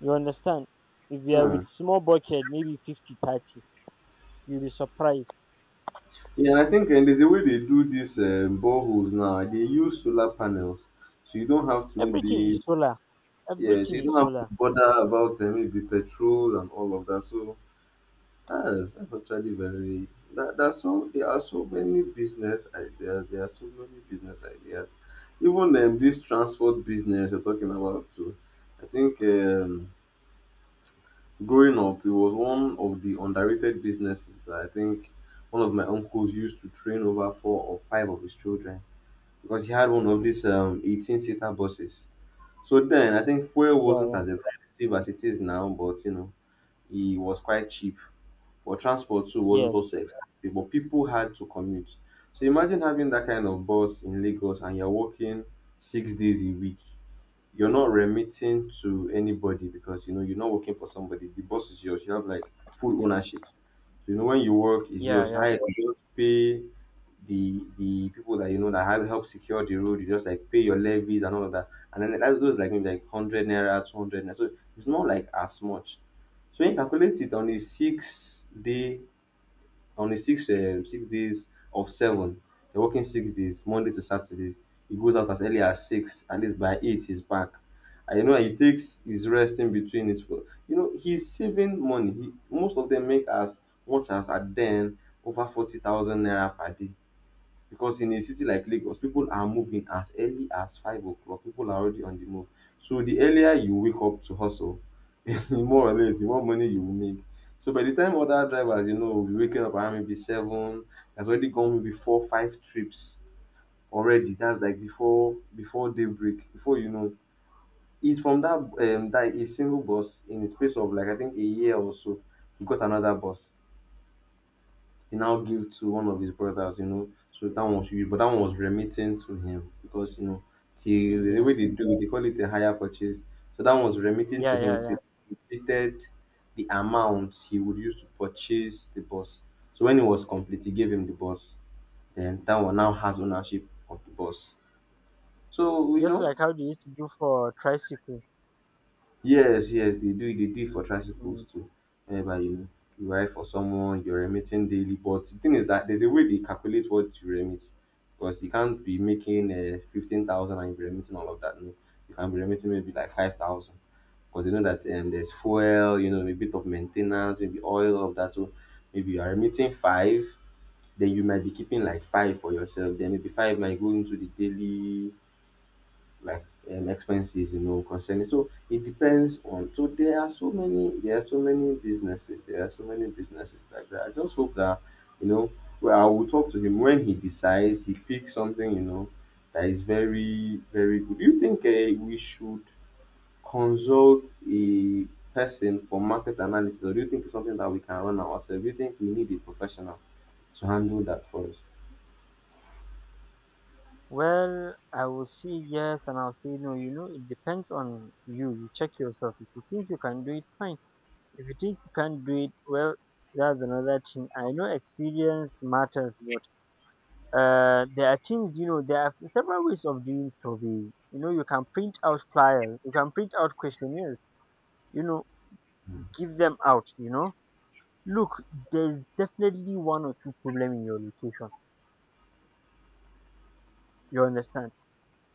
A: You understand? If you are with
B: Hmm.
A: small bucket, maybe 50 30 You'll be surprised.
B: Yeah, I think, and there's a way they do these boreholes now. They use solar panels, so you don't have to
A: Everything is
B: maybe.
A: solar.
B: Yes,
A: Everything
B: you
A: is
B: don't have to
A: solar.
B: bother about maybe petrol and all of that. So that's actually very. That, that's so there are so many business ideas. There are so many business ideas. Even this transport business you're talking about too. I think growing up, it was one of the underrated businesses that I think one of my uncles used to train over 4 or 5 of his children because he had one of these 18 seater buses. So then I think fuel
A: Yeah,
B: wasn't
A: yeah.
B: as expensive as it is now, but you know, it was quite cheap. But transport too wasn't
A: Yes.
B: also expensive, but people had to commute. So imagine having that kind of bus in Lagos and you're working 6 days a week. You're not remitting to anybody because you know you're not working for somebody. The bus is yours. You have like full ownership. So, you know, when you work, is
A: Yeah,
B: yours.
A: yeah.
B: Highest, you just pay the people that you know that have help secure the road. You just like pay your levies and all of that. And then that goes like maybe like 100 naira, 200 naira. So it's not like as much. So when you calculate it on a 6 day, on a six 6 days of seven, you're working 6 days Monday to Saturday. He goes out as early as 6, at least by 8 he's back, and you know he takes his rest in between it for, you know, he's saving money. He, most of them, make as much as at then over 40,000 naira per day because in a city like Lagos, people are moving as early as 5 o'clock. People are already on the move. So the earlier you wake up to hustle, the more or less, the more money you will make. So by the time other drivers, you know, will be waking up around maybe 7, has already gone maybe 4, 5 trips already. That's like before daybreak, before you know. It's from that that a single bus in the space of like I think a year or so, he got another bus. He now gave to one of his brothers, you know. So that one was huge, but that one was remitting to him because you know till there's a
A: Yeah.
B: way they do it, they call it a higher purchase. So that one was remitting to
A: Yeah,
B: him
A: yeah, yeah.
B: till he completed the amount he would use to purchase the bus. So when it was complete, he gave him the bus. Then that one now has ownership of the bus. So you
A: Just
B: know.
A: like how they used to do for tricycle.
B: Yes, yes, they do it. They do it for
A: Mm.
B: tricycles too. Whereby you you ride for someone, you're remitting daily. But the thing is that there's a way they calculate what you remit. Because you can't be making 15,000 and you're remitting all of that. No. You can be remitting maybe like 5,000. Because you know that there's fuel, you know, a bit of maintenance, maybe oil, all of that. So maybe you are remitting five, then you might be keeping like five for yourself. Then maybe five might go into the daily, like expenses, you know, concerning, so it depends on. So there are so many, there are so many businesses, there are so many businesses like that. I just hope that, you know, well, I will talk to him when he decides he picks something, you know, that is very very good. Do you think we should consult a person for market analysis, or do you think it's something that we can run ourselves? Do you think we need a professional to handle that for us?
A: Well, I will say yes and I'll say no. You know, it depends on you. You check yourself. If you think you can do it, fine. If you think you can't do it, well, that's another thing. I know experience matters, but there are things, you know. There are several ways of doing survey. You know, you can print out flyers, you can print out questionnaires, you know, give them out, you know. Look, there's definitely one or two problem in your location. You understand?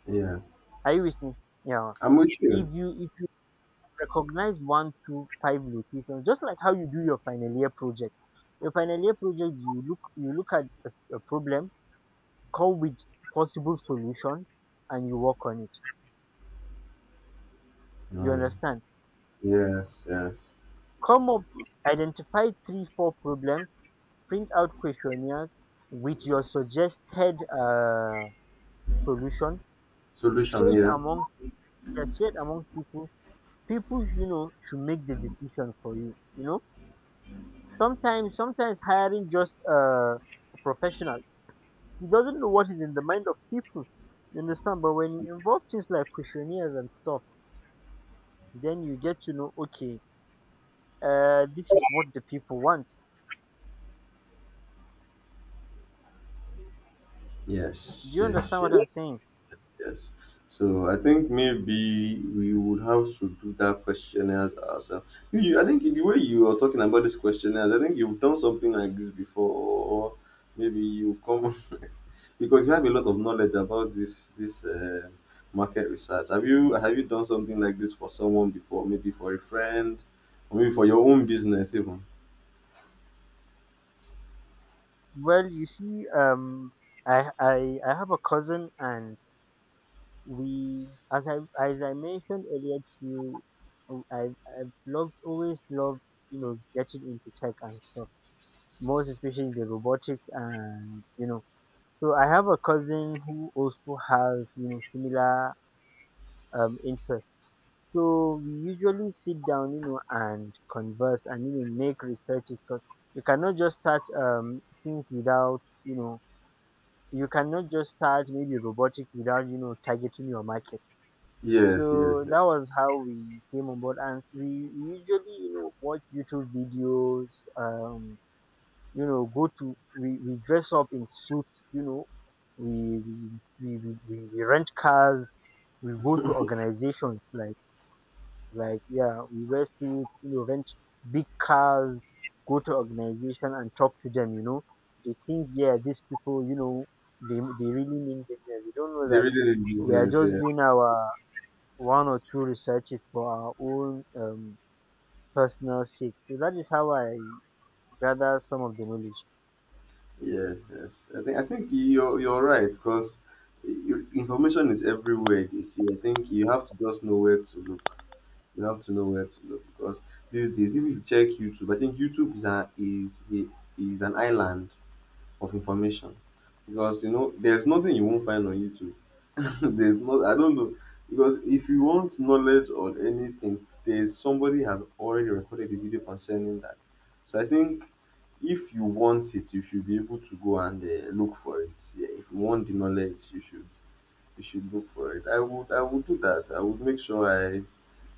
B: Yeah,
A: Are you with me? Yeah.
B: I'm with you.
A: If you recognize one, two, five locations, just like how you do your final year project. Your final year project, you look at a problem, come with possible solution, and you work on it. You
B: No,
A: understand?
B: yes, yes.
A: Come up, identify three, four problems, print out questionnaires with your suggested solution. Share
B: Solution,
A: it
B: yeah.
A: among, you are shared among people. People you know should make the decision for you. You know, sometimes hiring just a professional, he doesn't know what is in the mind of people. You understand? But when you involve things like questionnaires and stuff, then you get to know, okay, this is what the people want. Do
B: Yes,
A: you understand
B: yes,
A: what
B: yes,
A: I'm saying?
B: yes. So I think maybe we would have to do that questionnaires ourselves. I think the way you are talking about this questionnaires, I think you've done something like this before, or maybe you've come, because you have a lot of knowledge about this this market research. Have you done something like this for someone before? Maybe for a friend, or maybe for your own business even.
A: Well, you see, I have a cousin, and we, as I as I mentioned earlier to you, I've loved always loved, you know, getting into tech and stuff, most especially the robotics, and you know. So I have a cousin who also has, you know, similar interest. So we usually sit down, you know, and converse and, you know, make researches, because you cannot just start things without, you know, you cannot just start maybe robotics without, you know, targeting your market.
B: Yes, yes.
A: So that was how we came on board, and we usually, you know, watch YouTube videos. Um, you know, go to, we dress up in suits. You know, we rent cars. We go to organizations like, yeah, we wear suits. You know, rent big cars. Go to organization and talk to them. You know, they think, yeah, these people, you know, they really mean business. They don't know
B: They're
A: that
B: really in
A: we are
B: business.
A: just
B: Yeah.
A: doing our one or two researches for our own personal sake. So that is how I gather some of the knowledge.
B: Yes, yes. I think you're right because information is everywhere. You see, I think you have to just know where to look. You have to know where to look because these days, if you check YouTube, I think YouTube is is an island of information because you know there's nothing you won't find on YouTube. There's not. I don't know, because if you want knowledge on anything, there's somebody has already recorded a video concerning that. So I think if you want it, you should be able to go and look for it. Yeah, if you want the knowledge, you should, you should look for it. I would do that. I would make sure i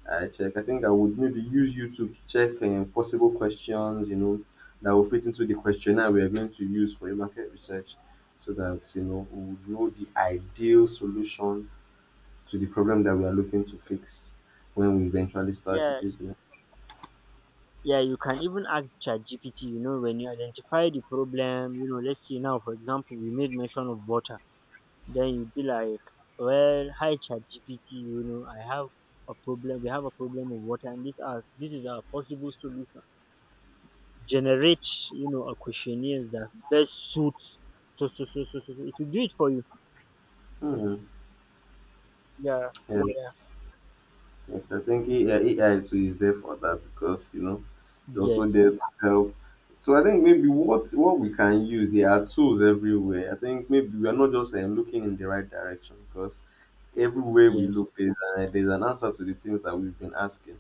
B: i check. I think I would maybe use YouTube to check possible questions, you know, that will fit into the questionnaire we are going to use for your market research, so that you know we would know the ideal solution to the problem that we are looking to fix when we eventually start the
A: Yeah,
B: business.
A: yeah. You can even ask ChatGPT. You know, when you identify the problem, you know, let's say now, for example, we made mention of water. Then you'd be like, "Well, hi ChatGPT. You know, I have a problem. We have a problem of water, and this is our possible solution. Generate, you know, a questionnaire that best suits." So. It will do it for you.
B: Hmm,
A: Yeah, yeah.
B: yes. Yes, I think AI, AI too is there for that because you know it's
A: Yes.
B: also there to help. So I think maybe what we can use, there are tools everywhere. I think maybe we are not just looking in the right direction because everywhere we
A: Yes.
B: look there's an answer to the things that we've been asking.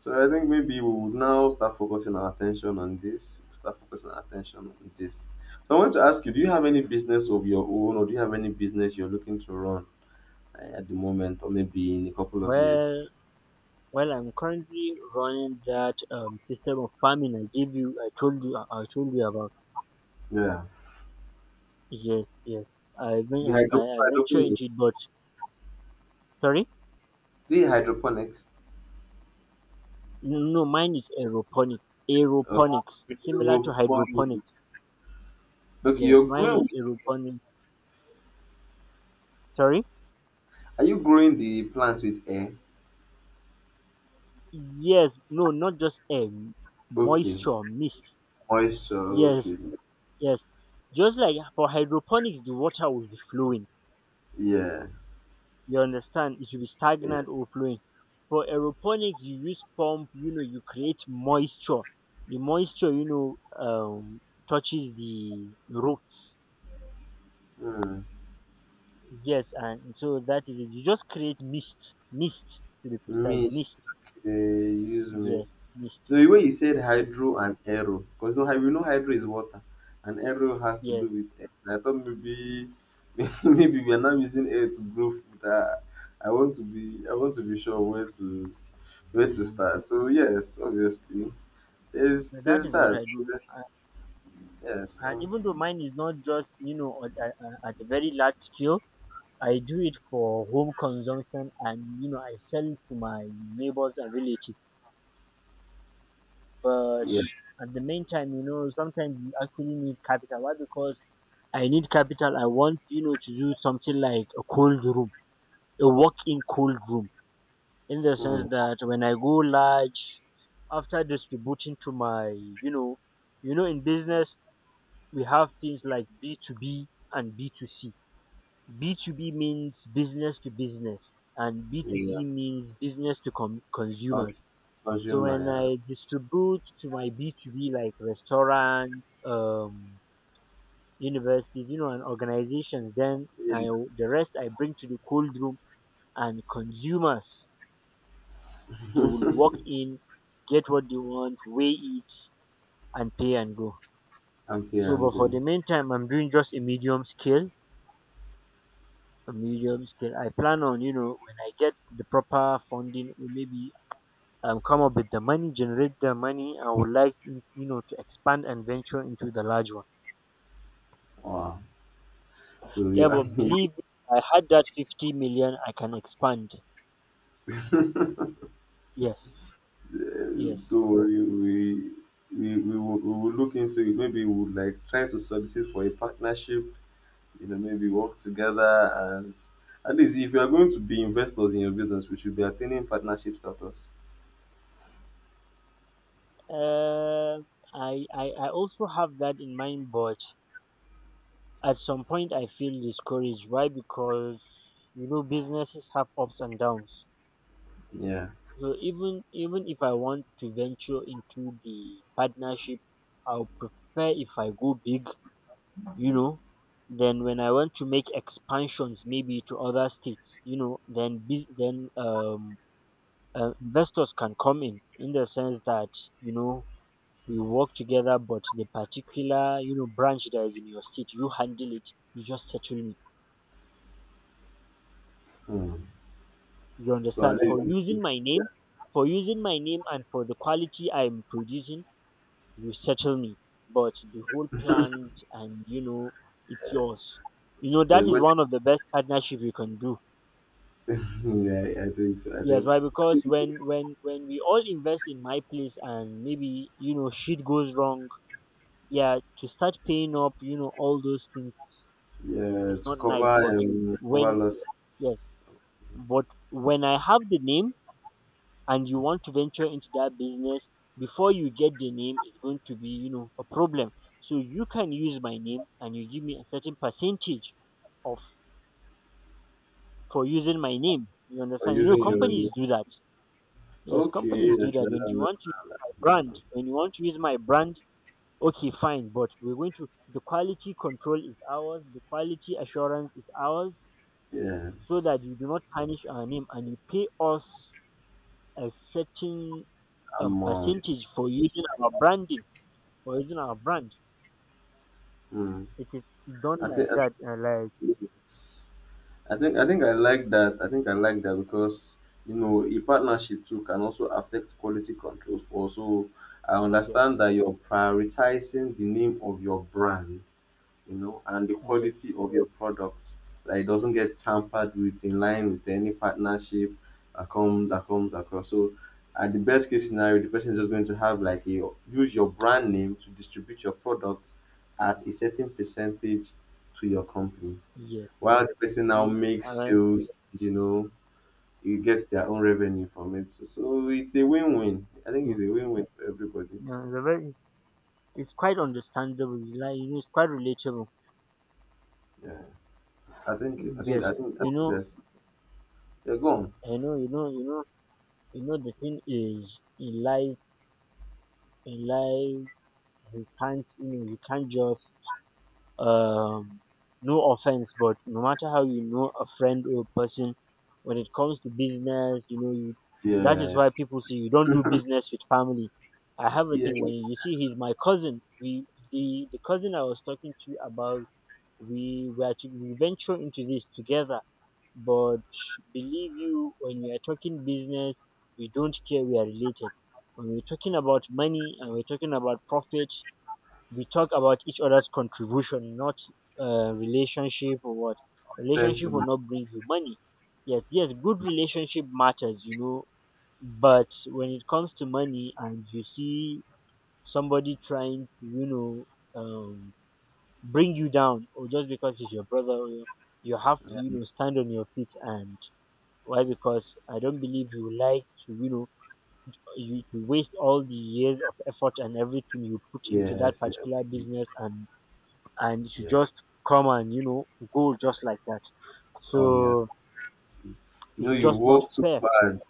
B: So I think maybe we would now start focusing our attention on this. Start focusing our attention on this. So I want to ask you: Do you have any business of your own, or do you have any business you're looking to run at the moment, or maybe in a couple of years?
A: Well, I'm currently running that system of farming I gave you. I told you. I told you about.
B: Yeah.
A: Yes, yes.
B: The
A: I venture into it,
B: hydroponics.
A: but sorry.
B: See hydroponics.
A: No, mine is aeroponics.
B: Okay.
A: Aeroponics, similar to
B: Hydroponics.
A: hydroponics.
B: Okay,
A: Yes,
B: you're
A: mine
B: growing
A: is
B: with
A: aeroponics. Sorry.
B: are you growing the plant with air?
A: Yes, no, not just air,
B: Okay.
A: moisture, mist.
B: Moisture,
A: Yes,
B: okay.
A: yes. Just like for hydroponics, the water will be flowing.
B: Yeah.
A: You understand? It will be stagnant
B: Yes.
A: or flowing. For aeroponics, you use pump. You know, you create moisture, the moisture, you know, touches the roots.
B: Hmm.
A: Yes. And so that is it. You just create mist, to be precise. Mist.
B: Mist. Okay. Use
A: Yes,
B: mist.
A: mist.
B: No, the way you said
A: Yes.
B: hydro and aero, because no, we know hydro is water, and aero has to
A: Yes.
B: do with air. I thought maybe, maybe we are not using air to grow food. I want to be, I want to be sure where to. Where to
A: Mm.
B: start? So yes, obviously,
A: So that
B: there's
A: is what
B: that.
A: I do.
B: Yeah,
A: And
B: so
A: even though mine is not just, you know, at a very large scale, I do it for home consumption, and, you know, I sell to my neighbors and relatives. But
B: yeah,
A: at the meantime, you know, sometimes you actually need capital. Why? Because I need capital. I want, you know, to do something like a cold room, a walk-in cold room, in the sense
B: hmm.
A: that when I go large, after distributing to my, you know, in business we have things like B2B and B2C. B two B means business to business, and B two
B: Yeah,
A: C means
B: Con-
A: consumers. So when
B: consumer,
A: I distribute to my B2B like restaurants, universities, you know, and organizations, then
B: yeah,
A: I, the rest I bring to the cold room, and consumers, they will
B: yeah.
A: walk in, get what they want, weigh it, and pay and go.
B: And pay
A: So,
B: and
A: but for
B: go.
A: the meantime, I'm doing just a medium scale. I plan on, you know, when I get the proper funding, or maybe come up with the money, generate the money. I would like, you know, to expand and venture into the large one.
B: Wow. So
A: Yeah,
B: yeah,
A: but believe me, if I had that 50 million, I can expand.
B: don't
A: Yes, yes.
B: worry, we. We will look into it. Maybe we would like try to solicit for a partnership. You know, maybe work together and at least if you are going to be investors in your business, we should be attaining partnership status.
A: Uh, I also have that in mind, but at some point I feel discouraged. Why? Because, you know, businesses have ups and downs.
B: Yeah.
A: So even, if I want to venture into the partnership, I'll prefer if I go big, you know, then when I want to make expansions, maybe to other states, you know, then, then, investors can come in the sense that, you know, we work together, but the particular, you know, branch that is in your state, you handle it. You just settle me.
B: Hmm.
A: You
B: So
A: understand?
B: at
A: For
B: least.
A: using my name, and for the quality I'm producing, you settle me. But the whole plant and, you know, it's yours. You know, that
B: But
A: is
B: when,
A: one of the best partnership you can do.
B: yeah, I think so. I
A: Yes.
B: think
A: Why? Because when we all invest in my place and maybe, you know, shit goes wrong, yeah, to start paying up, you know, all those things
B: yeah,
A: is
B: to
A: not nice.
B: cover
A: But
B: cover
A: when,
B: losses
A: yes, but when I have the name and you want to venture into that business, before you get the name, it's going to be, you know, a problem. So you can use my name and you give me a certain percentage of, for using my name. You
B: or
A: understand? You know,
B: using your own.
A: companies do that. Yes,
B: Okay,
A: companies do
B: yes,
A: that.
B: I
A: When you
B: understand.
A: want to
B: I
A: use my
B: understand.
A: brand,
B: Like,
A: when you want to use my brand, okay, fine, but we're going to, the quality control is ours, the quality assurance is ours, so
B: yes,
A: that you do not tarnish our name, and you pay us a certain
B: amount.
A: percentage for using our branding, for using our brand
B: Hmm.
A: it is done
B: I
A: like
B: think I
A: that. And like,
B: think I think I like that. I think I like that because you know a partnership too can also affect quality control. For so I
A: yes,
B: understand that you're prioritizing the name of your brand, you know, and the
A: yes,
B: quality of your product that it doesn't get tampered with in line with any partnership that comes across. So at the best case scenario, the person is just going to have like a use your brand name to distribute your product at a certain percentage to your company.
A: yes.
B: While the person now
A: mm, uh,
B: makes sales, you know, you get their own revenue from it. So, so it's a win-win. I think
A: mm,
B: it's a win-win for everybody.
A: yeah, the very, it's quite understandable, like, you know. It's quite relatable.
B: Yeah.
A: Yes.
B: I
A: You
B: think
A: know,
B: that's yeah, go on.
A: I know you know, the thing is, in life, in life you can't, you can't just um no offense, but no matter how you know a friend or person, when it comes to business, you know, you, that is why
B: Yes.
A: people say you don't do business with family. I have a
B: Yeah,
A: thing. When
B: like
A: you see, he's my cousin. We The cousin I was talking to you about, we were to we venture into this together. But believe you, when we are talking business, we don't care we are related. When we're talking about money and we're talking about profit, we talk about each other's contribution, not relationship or what. Relationship will
B: sentiment.
A: not bring you money. Yes, yes, good relationship matters, you know. But when it comes to money and you see somebody trying to, you know, um, bring you down, or just because he's your brother, you have to,
B: Yes,
A: you know, stand on your feet. And why? Because I don't believe you like to, you know, you waste all the years of effort and everything you put into that
B: yes,
A: particular
B: yes.
A: business, and you should
B: Yeah,
A: just come and go just like that.
B: oh yes.
A: So
B: You know,
A: it's
B: you
A: just not
B: work too
A: fair.
B: hard.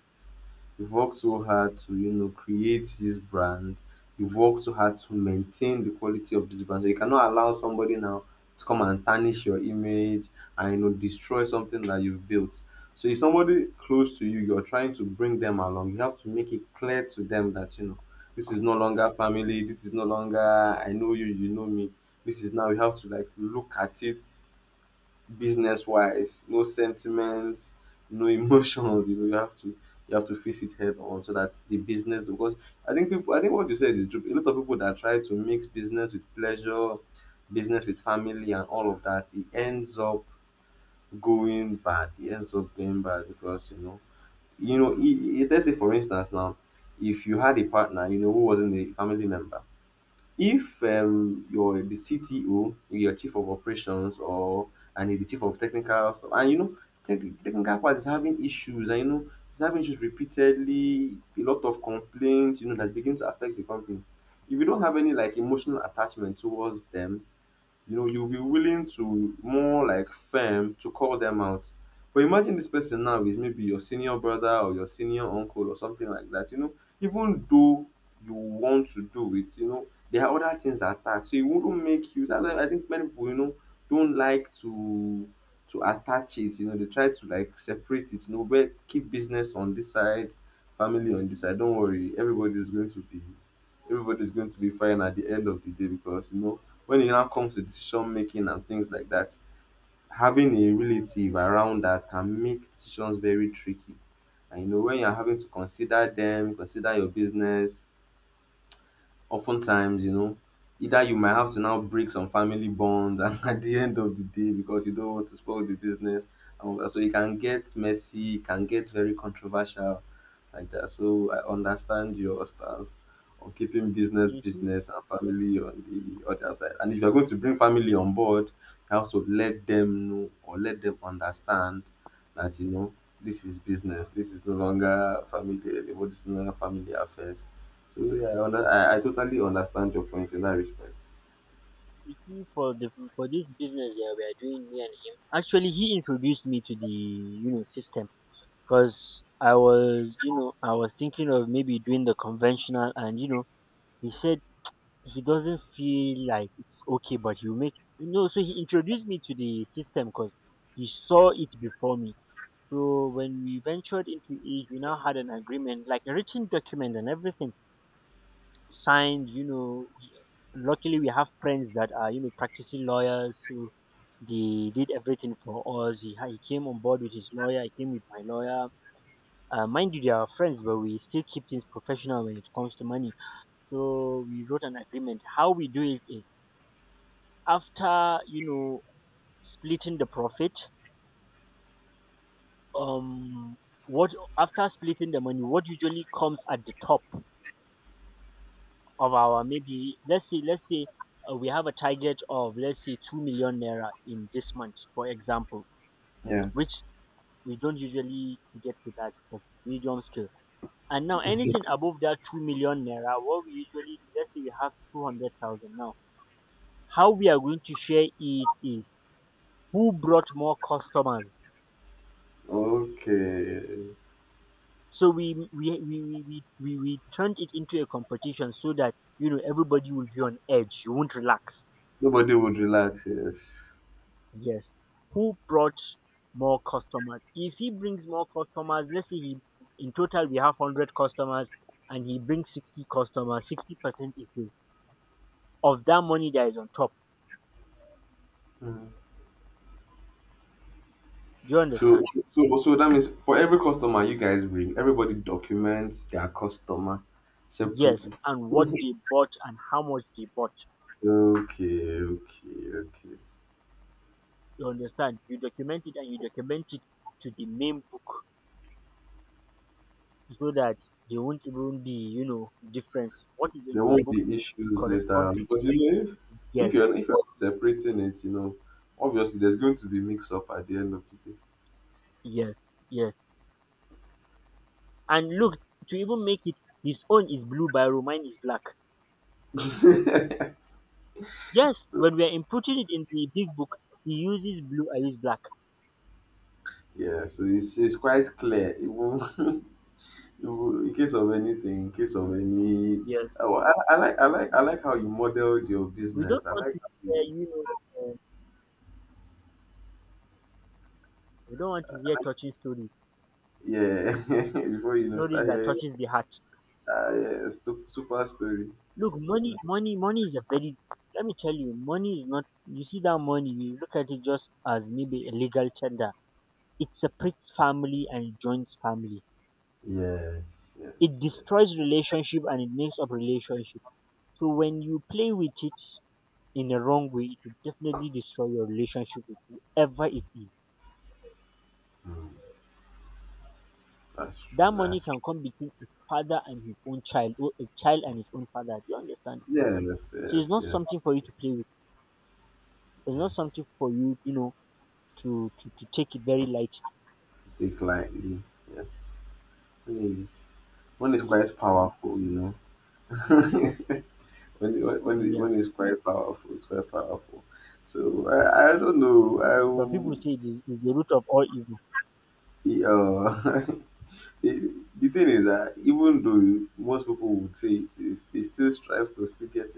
B: You've worked so hard to, you know, create this brand. You've worked so hard to maintain the quality of this brand. So you cannot allow somebody now to come and tarnish your image and, you know, destroy something that you've built. So if somebody close to you, you're trying to bring them along, you have to make it clear to them that, you know, this is no longer family. This is no longer I know you, you know me. This is now you have to like look at it business wise, no sentiments, no emotions. You know, you have to face it head on so that the business because I think people I think what you said is true. A lot of people that try to mix business with pleasure, business with family and all of that, it ends up going bad. It ends up going bad because you know let's say for instance now, if you had a partner, you know, who wasn't a family member if you're the CTO, you're chief of operations or and you're the chief of technical stuff, and you know, technical part is having issues, and you know, it's having issues repeatedly, a lot of complaints, you know, that begin to affect the company. If you don't have any like emotional attachment towards them, you know you'll be willing to more like firm to call them out but imagine this person now is maybe your senior brother or your senior uncle or something like that, you know, even though you want to do it you know there are other things attached so it wouldn't make you that's why I think many people you know don't like to attach it, you know they try to like separate it, you know, where keep business on this side, family on this side, don't worry, everybody is going to be fine at the end of the day because you know when it now comes to decision making and things like that, having a relative around that can make decisions very tricky. And you know, when you're having to consider them, consider your business, oftentimes, you know, either you might have to now break some family bonds and at the end of the day because you don't want to spoil the business. And all that. So it can get messy, it can get very controversial like that. So I understand your stance on keeping business
A: You see,
B: business and family on the other side. And if you're going to bring family on board, you have to let them know or let them understand that you know this is business. This is no longer family anymore. This is no longer family affairs. So yeah, I totally understand your point in that respect.
A: you see, for this business that we are doing, me and him. Actually, he introduced me to the system, because I was you know I was thinking of maybe doing the conventional, and he said he doesn't feel like it's okay, but you make. So he introduced me to the system, because he saw it before me. So when we ventured into it, we now had an agreement, like a written document, and everything signed. You know, luckily we have friends that are practicing lawyers, so they did everything for us. He came on board with his lawyer. I came with my lawyer. Mind you, they are friends, but we still keep things professional when it comes to money. So we wrote an agreement. How we do it is, after splitting the profit. Um, what after splitting the money, what usually comes at the top of our, maybe, let's say we have a target of, let's say, 2 million naira in this month, for example,
B: Yeah.
A: which we don't usually get to that because it's medium scale. And now anything above that 2 million naira, what we usually do, let's say we have 200,000 now, how we are going to share it is who brought more customers.
B: Okay.
A: So we turned it into a competition so that, you know, everybody will be on edge, you won't relax.
B: Nobody would relax, yes.
A: Yes. Who brought more customers? If he brings more customers, let's say, he in total we have 100 customers, and he brings 60 customers, 60% is his. Of that money that is on top.
B: Mm.
A: Do you
B: So,
A: understand?
B: so that means for every customer you guys bring, everybody documents their customer
A: Yes.
B: separately.
A: And what they bought and how much they bought.
B: Okay, okay, okay.
A: You understand? You document it, and you document it to the main book, so that there won't even be, you know, difference. What is in
B: There
A: your
B: won't
A: book
B: be
A: to
B: issues
A: correspond
B: later
A: to?
B: because you know if
A: Yes,
B: if you're separating it, you know, obviously there's going to be mix up at the end of the
A: yes, yes. And look, to even make it, his own is blue biro, mine is black. Yes, when
B: day.
A: we are inputting it in the big book, he uses blue, I use black.
B: Yeah, so it's quite clear. It will in case of anything, in case of any,
A: Yes,
B: oh, I like how you modeled your
A: we don't
B: business. I
A: want
B: like
A: to
B: how
A: hear,
B: you,
A: you know, uh, we don't want to hear touching stories,
B: yeah. Before you know,
A: stories
B: start
A: that
B: hearing,
A: touches the heart.
B: yeah, super story. You
A: Look,
B: know.
A: money, money, money is a very. Let me tell you, money is not. You see that money, you look at it just as maybe a legal tender. It separates family and it joins family.
B: Yes,
A: It
B: yes, yes.
A: destroys relationship and it makes up relationship. So when you play with it in a wrong way, it will definitely destroy your relationship with whoever it is.
B: Mm, that's
A: That
B: true.
A: money
B: That's
A: can come between a father and his own child, or a child and his own father. Do you understand?
B: true. Yes,
A: So it's
B: yes,
A: not
B: yes,
A: something for you to play with. It's not
B: yes.
A: something for you, you know, to take it very light.
B: To take lightly. Yes. One is, one is
A: Yes.
B: quite powerful,
A: Mm,
B: you know.
A: yeah.
B: When it's quite powerful, it's quite powerful. So I don't
A: Some people
B: know.
A: say it is, the root of all evil.
B: Yeah. The the thing is that even though most people would say it is, they still strive to still get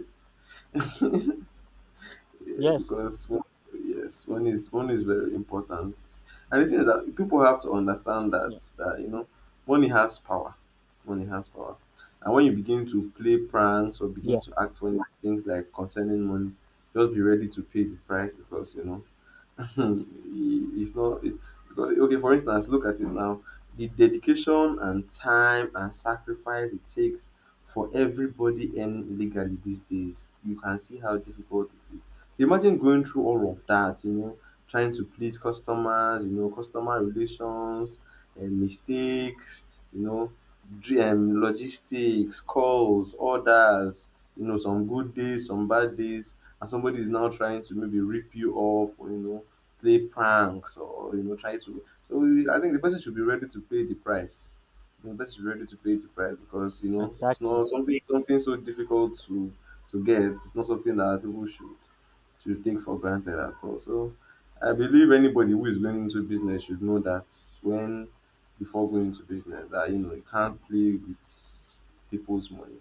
B: it. Yeah,
A: Yes,
B: because one, yes, one is very important. And the thing is that people have to understand that
A: yeah,
B: that you know money has power. Money has power. And when you begin to play pranks or begin
A: yeah,
B: to act funny things like concerning money, just be ready to pay the price because you know it's not it's because okay for instance look at it now the dedication and time and sacrifice it takes for everybody in legally these days you can see how difficult it is, so imagine going through all of that, you know, trying to please customers, you know, customer relations and mistakes, you know, logistics calls orders, you know, some good days, some bad days, and somebody is now trying to maybe rip you off or you know play pranks or you know try to so we, I think the person should be ready to pay the price, the person should be ready to pay the price because you know it's
A: exactly,
B: not something so difficult to get, it's not something that people should take for granted at all, so I believe anybody who is going into business should know that when before going into business that you know you can't play with people's money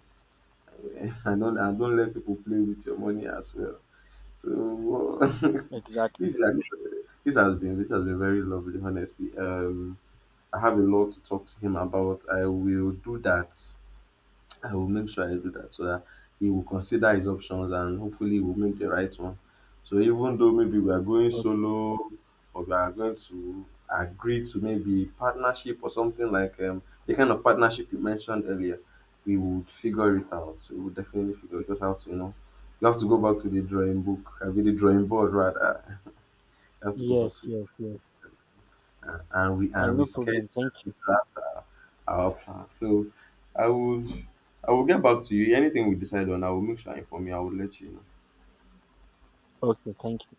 B: and don't let people play with your money as well so
A: exactly.
B: this is actually, this has been very lovely, honestly. I have a lot to talk to him about. I will make sure I do that so that he will consider his options and hopefully he will make the right one. So even though maybe we are going
A: Okay.
B: solo or we are going to agree to maybe partnership or something like the kind of partnership you mentioned earlier, we would figure it out. We would definitely figure it. Just have to, you know, you have to go back to the drawing book. I mean, the drawing board rather. You have to go back
A: Yes,
B: to
A: yes, yes.
B: and we and
A: No
B: reschedule
A: problem. Thank you.
B: our plan. So I will I will get back to you. Anything we decide on, I will make sure I inform you. I will let you know.
A: Okay, thank you.